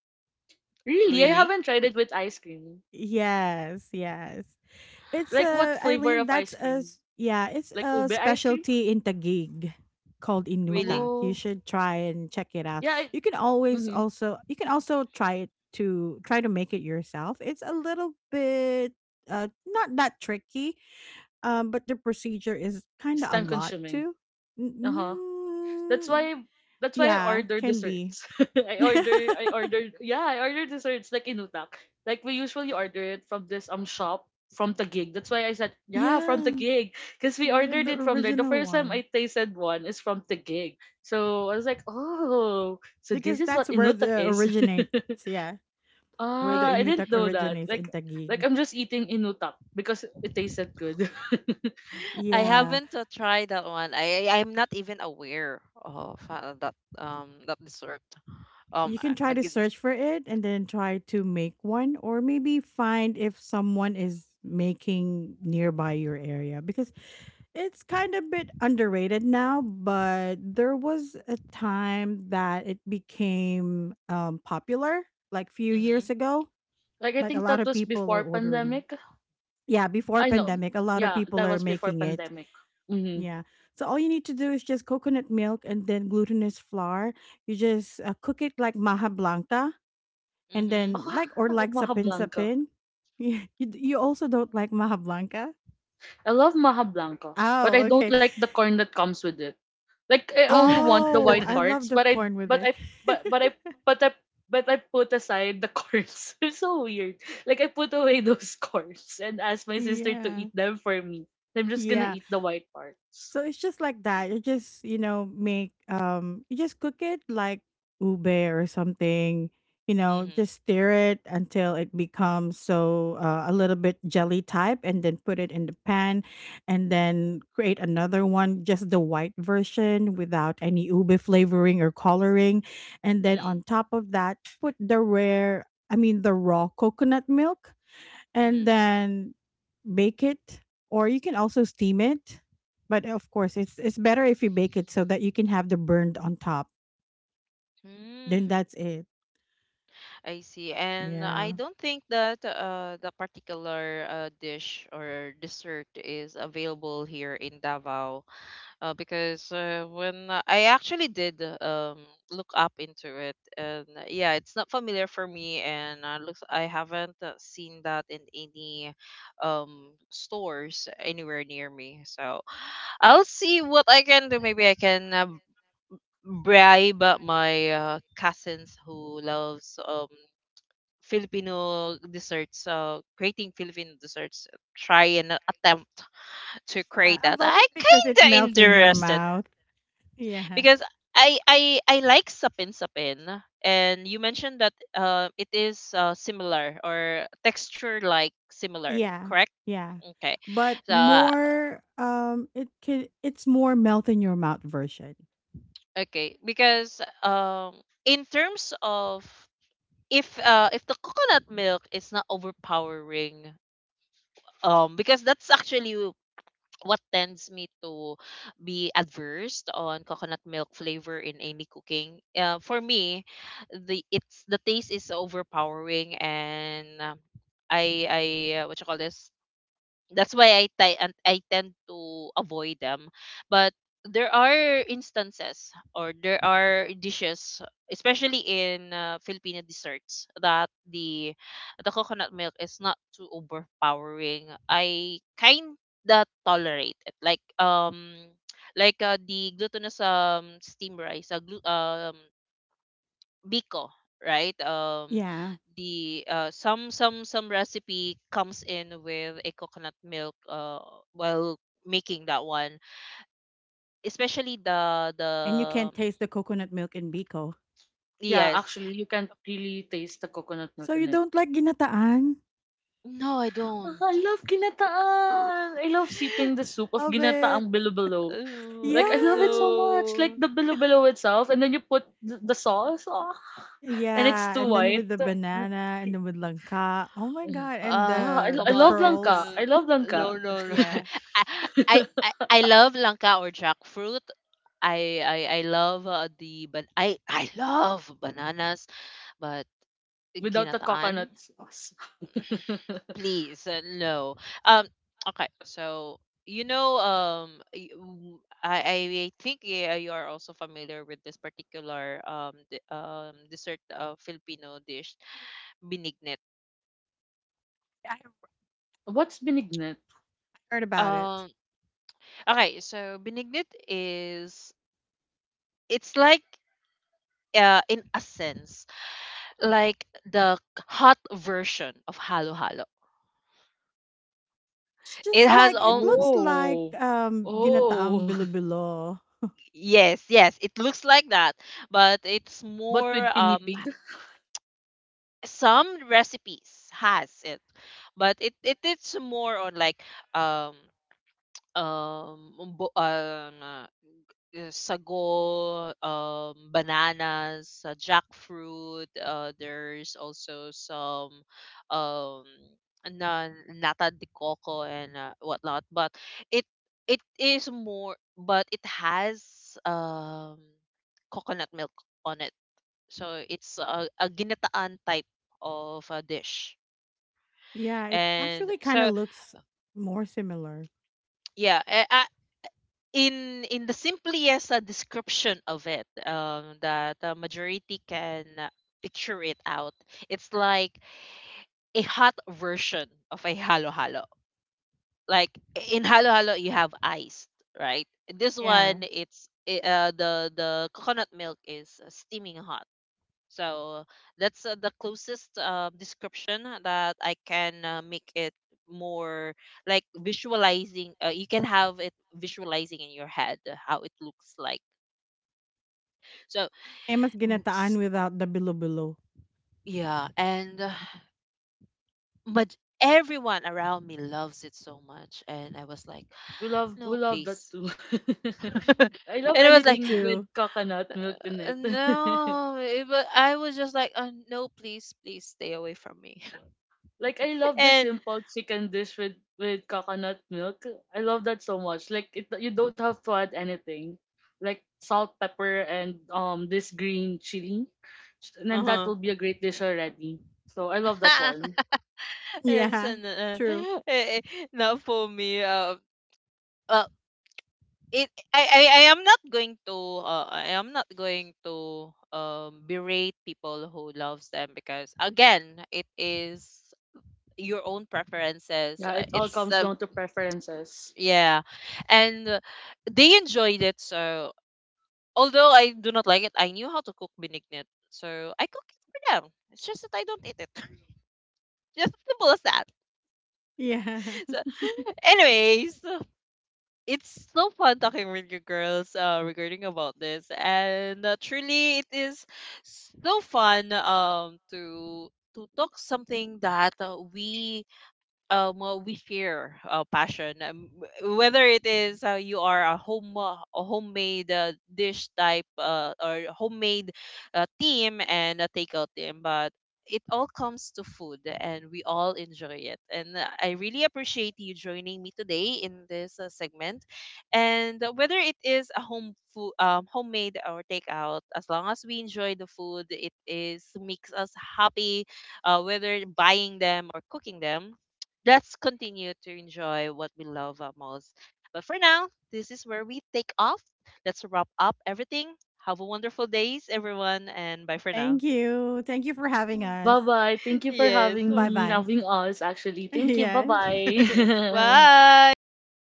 [SPEAKER 3] Really, I
[SPEAKER 1] Really?
[SPEAKER 3] haven't tried it with ice cream.
[SPEAKER 2] Yes, yes. It's
[SPEAKER 3] Like what
[SPEAKER 2] a
[SPEAKER 3] flavor
[SPEAKER 2] Eileen,
[SPEAKER 3] of ice cream?
[SPEAKER 2] yeah, it's
[SPEAKER 3] Like ube
[SPEAKER 2] a
[SPEAKER 3] ice cream?
[SPEAKER 2] specialty in Taguig called
[SPEAKER 1] Really?
[SPEAKER 2] Inutak. You
[SPEAKER 3] Oh,
[SPEAKER 2] should try and check it out.
[SPEAKER 3] yeah. It,
[SPEAKER 2] You can always
[SPEAKER 3] mm-hmm.
[SPEAKER 2] also you can also try it to try to make it yourself. It's a little bit not that tricky, but the procedure is kind
[SPEAKER 3] It's
[SPEAKER 2] of a
[SPEAKER 3] time
[SPEAKER 2] lot
[SPEAKER 3] consuming.
[SPEAKER 2] too.
[SPEAKER 1] Mm.
[SPEAKER 3] Uh-huh. That's
[SPEAKER 2] Mm,
[SPEAKER 3] why I
[SPEAKER 2] yeah,
[SPEAKER 3] order
[SPEAKER 2] can be.
[SPEAKER 3] desserts. I ordered, yeah, I ordered desserts like in Utak. Like we usually order it from this shop from Taguig. That's why I said, yeah, from
[SPEAKER 2] Yeah,
[SPEAKER 3] Taguig because we
[SPEAKER 2] yeah,
[SPEAKER 3] ordered
[SPEAKER 2] the
[SPEAKER 3] it from there. The
[SPEAKER 2] original
[SPEAKER 3] first time I
[SPEAKER 2] one.
[SPEAKER 3] tasted one is from Taguig. So I was like, "Oh, so this
[SPEAKER 2] Because
[SPEAKER 3] is
[SPEAKER 2] that's
[SPEAKER 3] what
[SPEAKER 2] where
[SPEAKER 3] Inutak
[SPEAKER 2] the
[SPEAKER 3] is."
[SPEAKER 2] originates, yeah. Where the
[SPEAKER 3] Ah,
[SPEAKER 1] I
[SPEAKER 3] I didn't
[SPEAKER 2] Inutak
[SPEAKER 3] know that.
[SPEAKER 2] originates in
[SPEAKER 3] Like
[SPEAKER 2] Taguig.
[SPEAKER 3] I'm just eating Inutak because it tasted good.
[SPEAKER 1] I
[SPEAKER 2] Yeah.
[SPEAKER 1] haven't tried that one. I'm not even aware of that dessert.
[SPEAKER 2] You can try
[SPEAKER 1] I
[SPEAKER 2] to
[SPEAKER 1] get,
[SPEAKER 2] search for it and then try to make one or maybe find if someone is making nearby your area because it's kind of bit underrated now, but there was a time that it became popular, like few years
[SPEAKER 1] Mhm.
[SPEAKER 2] ago.
[SPEAKER 3] Like I
[SPEAKER 2] Like a
[SPEAKER 3] think
[SPEAKER 2] lot
[SPEAKER 3] that
[SPEAKER 2] of
[SPEAKER 3] was
[SPEAKER 2] people are
[SPEAKER 3] before
[SPEAKER 2] ordering.
[SPEAKER 3] pandemic.
[SPEAKER 2] Yeah, before
[SPEAKER 3] I know.
[SPEAKER 2] pandemic, a lot of
[SPEAKER 3] Yeah,
[SPEAKER 2] people
[SPEAKER 3] that
[SPEAKER 2] are
[SPEAKER 3] was before
[SPEAKER 2] making it.
[SPEAKER 3] pandemic. Mm-hmm.
[SPEAKER 2] Yeah. So all you need to do is just coconut milk and then glutinous flour. You just cook it like maha blanca and
[SPEAKER 1] Mhm.
[SPEAKER 2] then
[SPEAKER 3] Oh,
[SPEAKER 2] like or like
[SPEAKER 3] Maha
[SPEAKER 2] sapin
[SPEAKER 3] Blanca.
[SPEAKER 2] sapin. Yeah. You, you also don't like maha blanca?
[SPEAKER 3] I love Maha Blanca, but
[SPEAKER 2] Oh,
[SPEAKER 3] I don't
[SPEAKER 2] okay.
[SPEAKER 3] like the corn that comes with it. Like I only want the
[SPEAKER 2] Oh,
[SPEAKER 3] white
[SPEAKER 2] I love
[SPEAKER 3] parts,
[SPEAKER 2] the
[SPEAKER 3] but I
[SPEAKER 2] corn with it.
[SPEAKER 3] but I but I but I put aside the corns. It's so weird. Like I put away those corns and asked my sister to
[SPEAKER 2] Yeah.
[SPEAKER 3] eat them for me. I'm just gonna
[SPEAKER 2] Yeah.
[SPEAKER 3] eat the white parts.
[SPEAKER 2] So it's just like that. You just, you know, make you just cook it like ube or something, you know,
[SPEAKER 1] Mhm.
[SPEAKER 2] just stir it until it becomes so a little bit jelly type and then put it in the pan and then create another one just the white version without any ube flavoring or coloring and then
[SPEAKER 1] Mhm.
[SPEAKER 2] on top of that put the rare, I mean the raw coconut milk and
[SPEAKER 1] Mhm.
[SPEAKER 2] then bake it or you can also steam it, but of course it's better if you bake it so that you can have the burned on top. Then
[SPEAKER 1] Mm.
[SPEAKER 2] that's it.
[SPEAKER 1] I see. And I
[SPEAKER 2] Yeah.
[SPEAKER 1] don't think that the particular dish or dessert is available here in Davao because when I actually did look up into it, and yeah, it's not familiar for me, and looks I haven't seen that in any um, stores anywhere near me. So I'll see what I can do. Maybe I can bribe my cousins who loves Filipino desserts, creating Filipino desserts. Try and attempt to
[SPEAKER 2] Yeah,
[SPEAKER 1] create
[SPEAKER 2] I
[SPEAKER 1] that.
[SPEAKER 2] love it
[SPEAKER 1] I
[SPEAKER 2] because it
[SPEAKER 1] kinda
[SPEAKER 2] melts in your
[SPEAKER 1] interested
[SPEAKER 2] mouth. Yeah.
[SPEAKER 1] because I like sapin sapin, and you mentioned that it is similar or texture like similar,
[SPEAKER 2] Yeah.
[SPEAKER 1] correct?
[SPEAKER 2] Yeah,
[SPEAKER 1] Okay,
[SPEAKER 2] but
[SPEAKER 1] so
[SPEAKER 2] more, it can, it's more melt in your mouth version.
[SPEAKER 1] okay because in terms of if the coconut milk is not overpowering, because that's actually what tends me to be adverse on coconut milk flavor in any cooking, for me the it's the taste is overpowering, and I what you call this, that's why I ti- and I tend to avoid them. But there are instances or there are dishes, especially in Filipino desserts, that the coconut milk is not too overpowering. I kinda tolerate it, like the glutinous steam rice, biko, right?
[SPEAKER 2] Yeah.
[SPEAKER 1] The some some recipe comes in with a coconut milk while making that one, especially the
[SPEAKER 2] And you can taste the coconut milk in biko.
[SPEAKER 3] Yeah,
[SPEAKER 1] yes.
[SPEAKER 3] actually, you can't really taste the coconut
[SPEAKER 2] So
[SPEAKER 3] milk
[SPEAKER 2] you
[SPEAKER 3] in.
[SPEAKER 2] don't like ginataan?
[SPEAKER 1] No, I
[SPEAKER 3] Ah,
[SPEAKER 1] don't.
[SPEAKER 3] I love ginataan. I love sipping the soup of
[SPEAKER 2] Love it.
[SPEAKER 3] ginataang bilo-bilo. Like, I
[SPEAKER 1] Oh,
[SPEAKER 3] love it so
[SPEAKER 2] Yeah.
[SPEAKER 3] much. Like,
[SPEAKER 1] no.
[SPEAKER 3] the bilo-bilo itself, and then you put the sauce. Ah, and it's
[SPEAKER 2] Yeah,
[SPEAKER 3] too
[SPEAKER 2] and then with
[SPEAKER 3] white.
[SPEAKER 2] the banana and then with langka. Oh my god, and
[SPEAKER 1] Ah,
[SPEAKER 3] Yeah,
[SPEAKER 1] come
[SPEAKER 3] I
[SPEAKER 2] the
[SPEAKER 1] on.
[SPEAKER 3] love
[SPEAKER 1] No,
[SPEAKER 3] langka.
[SPEAKER 2] pearls.
[SPEAKER 3] I love langka.
[SPEAKER 1] no, no. no.
[SPEAKER 2] Yeah.
[SPEAKER 1] I love langka or jackfruit. I love the but I love bananas, but
[SPEAKER 3] Without the
[SPEAKER 1] ginataan.
[SPEAKER 3] coconut sauce.
[SPEAKER 1] Please no um okay so you know um y- w- i i I think yeah, you are also familiar with this particular dessert filipino dish binignit.
[SPEAKER 2] I have
[SPEAKER 3] What's binignet?
[SPEAKER 2] heard about it.
[SPEAKER 1] um okay so binignit is, it's like, in a sense, like the hot version of halo halo.
[SPEAKER 2] It's
[SPEAKER 1] It
[SPEAKER 2] just
[SPEAKER 1] has
[SPEAKER 2] like it
[SPEAKER 1] all
[SPEAKER 2] looks like
[SPEAKER 3] Oh. Oh.
[SPEAKER 2] ginataang bilo.
[SPEAKER 1] yes yes it looks like that but it's
[SPEAKER 3] But
[SPEAKER 1] more
[SPEAKER 3] with pinipig?
[SPEAKER 1] some recipes has it but it it's more on like um um bu- um uh, sago bananas jackfruit there's also some um na nata de coco and whatnot but it it is more but it has um coconut milk on it. So it's a ginataan type of a dish.
[SPEAKER 2] Yeah, it
[SPEAKER 1] And
[SPEAKER 2] actually kind of
[SPEAKER 1] so
[SPEAKER 2] looks more similar.
[SPEAKER 1] yeah, in the simplest description of it, that the majority can picture it out. It's like a hot version of a halo halo. Like in halo halo, you have ice, right? This
[SPEAKER 2] Yeah.
[SPEAKER 1] one, the coconut milk is steaming hot. So that's the closest description that I can make it more like visualizing. You can have it visualizing in your head how it looks like. So
[SPEAKER 2] Same as
[SPEAKER 1] mm,
[SPEAKER 2] ginataan
[SPEAKER 1] s-
[SPEAKER 2] without the bilo-bilo.
[SPEAKER 1] yeah, and but everyone around me loves it so much, and I was like, no,
[SPEAKER 3] We love
[SPEAKER 1] please.
[SPEAKER 3] that too. I love
[SPEAKER 1] And it was
[SPEAKER 2] Me
[SPEAKER 1] like,
[SPEAKER 3] anything with
[SPEAKER 2] too.
[SPEAKER 3] coconut milk in it.
[SPEAKER 1] No, I was just like, no, please, please stay away from me."
[SPEAKER 3] Like I love the
[SPEAKER 1] And
[SPEAKER 3] simple chicken dish with coconut milk. I love that so much. Like it, you don't have to add anything, like salt, pepper, and this green chili, and then that
[SPEAKER 1] uh
[SPEAKER 3] will be a great dish already. So I love that
[SPEAKER 1] huh.
[SPEAKER 3] one.
[SPEAKER 1] Yes,
[SPEAKER 2] Yeah.
[SPEAKER 1] and
[SPEAKER 2] True.
[SPEAKER 1] eh, eh, now for me, uh, it I am not going to, I am not going to berate people who loves them because again, it is your own preferences.
[SPEAKER 3] Yeah, it all
[SPEAKER 1] It's
[SPEAKER 3] comes down to preferences.
[SPEAKER 1] Yeah, and they enjoyed it. So although I do not like it, I knew how to cook benignit, so I cook it for them. It's just that I don't eat it. Just simple as that.
[SPEAKER 2] Yeah.
[SPEAKER 1] So, anyways, it's so fun talking with you girls regarding about this, and truly it is so fun to talk something that we fear passion, w- whether it is you are a home a homemade dish type or homemade team and a takeout team, but it all comes to food and we all enjoy it, and I really appreciate you joining me today in this segment. And whether it is a home food, homemade or takeout, as long as we enjoy the food it is makes us happy, whether buying them or cooking them. Let's continue to enjoy what we love most. But for now, this is where we take off. Let's wrap up everything. Have a wonderful days, everyone, and bye for now.
[SPEAKER 2] Thank you. Thank you for having
[SPEAKER 3] Bye
[SPEAKER 2] us.
[SPEAKER 3] bye. Thank you for
[SPEAKER 1] Yes.
[SPEAKER 3] having me,
[SPEAKER 2] Bye-bye.
[SPEAKER 3] having us actually. Thank you. Bye
[SPEAKER 2] Yes.
[SPEAKER 3] bye.
[SPEAKER 1] Bye.
[SPEAKER 2] Bye.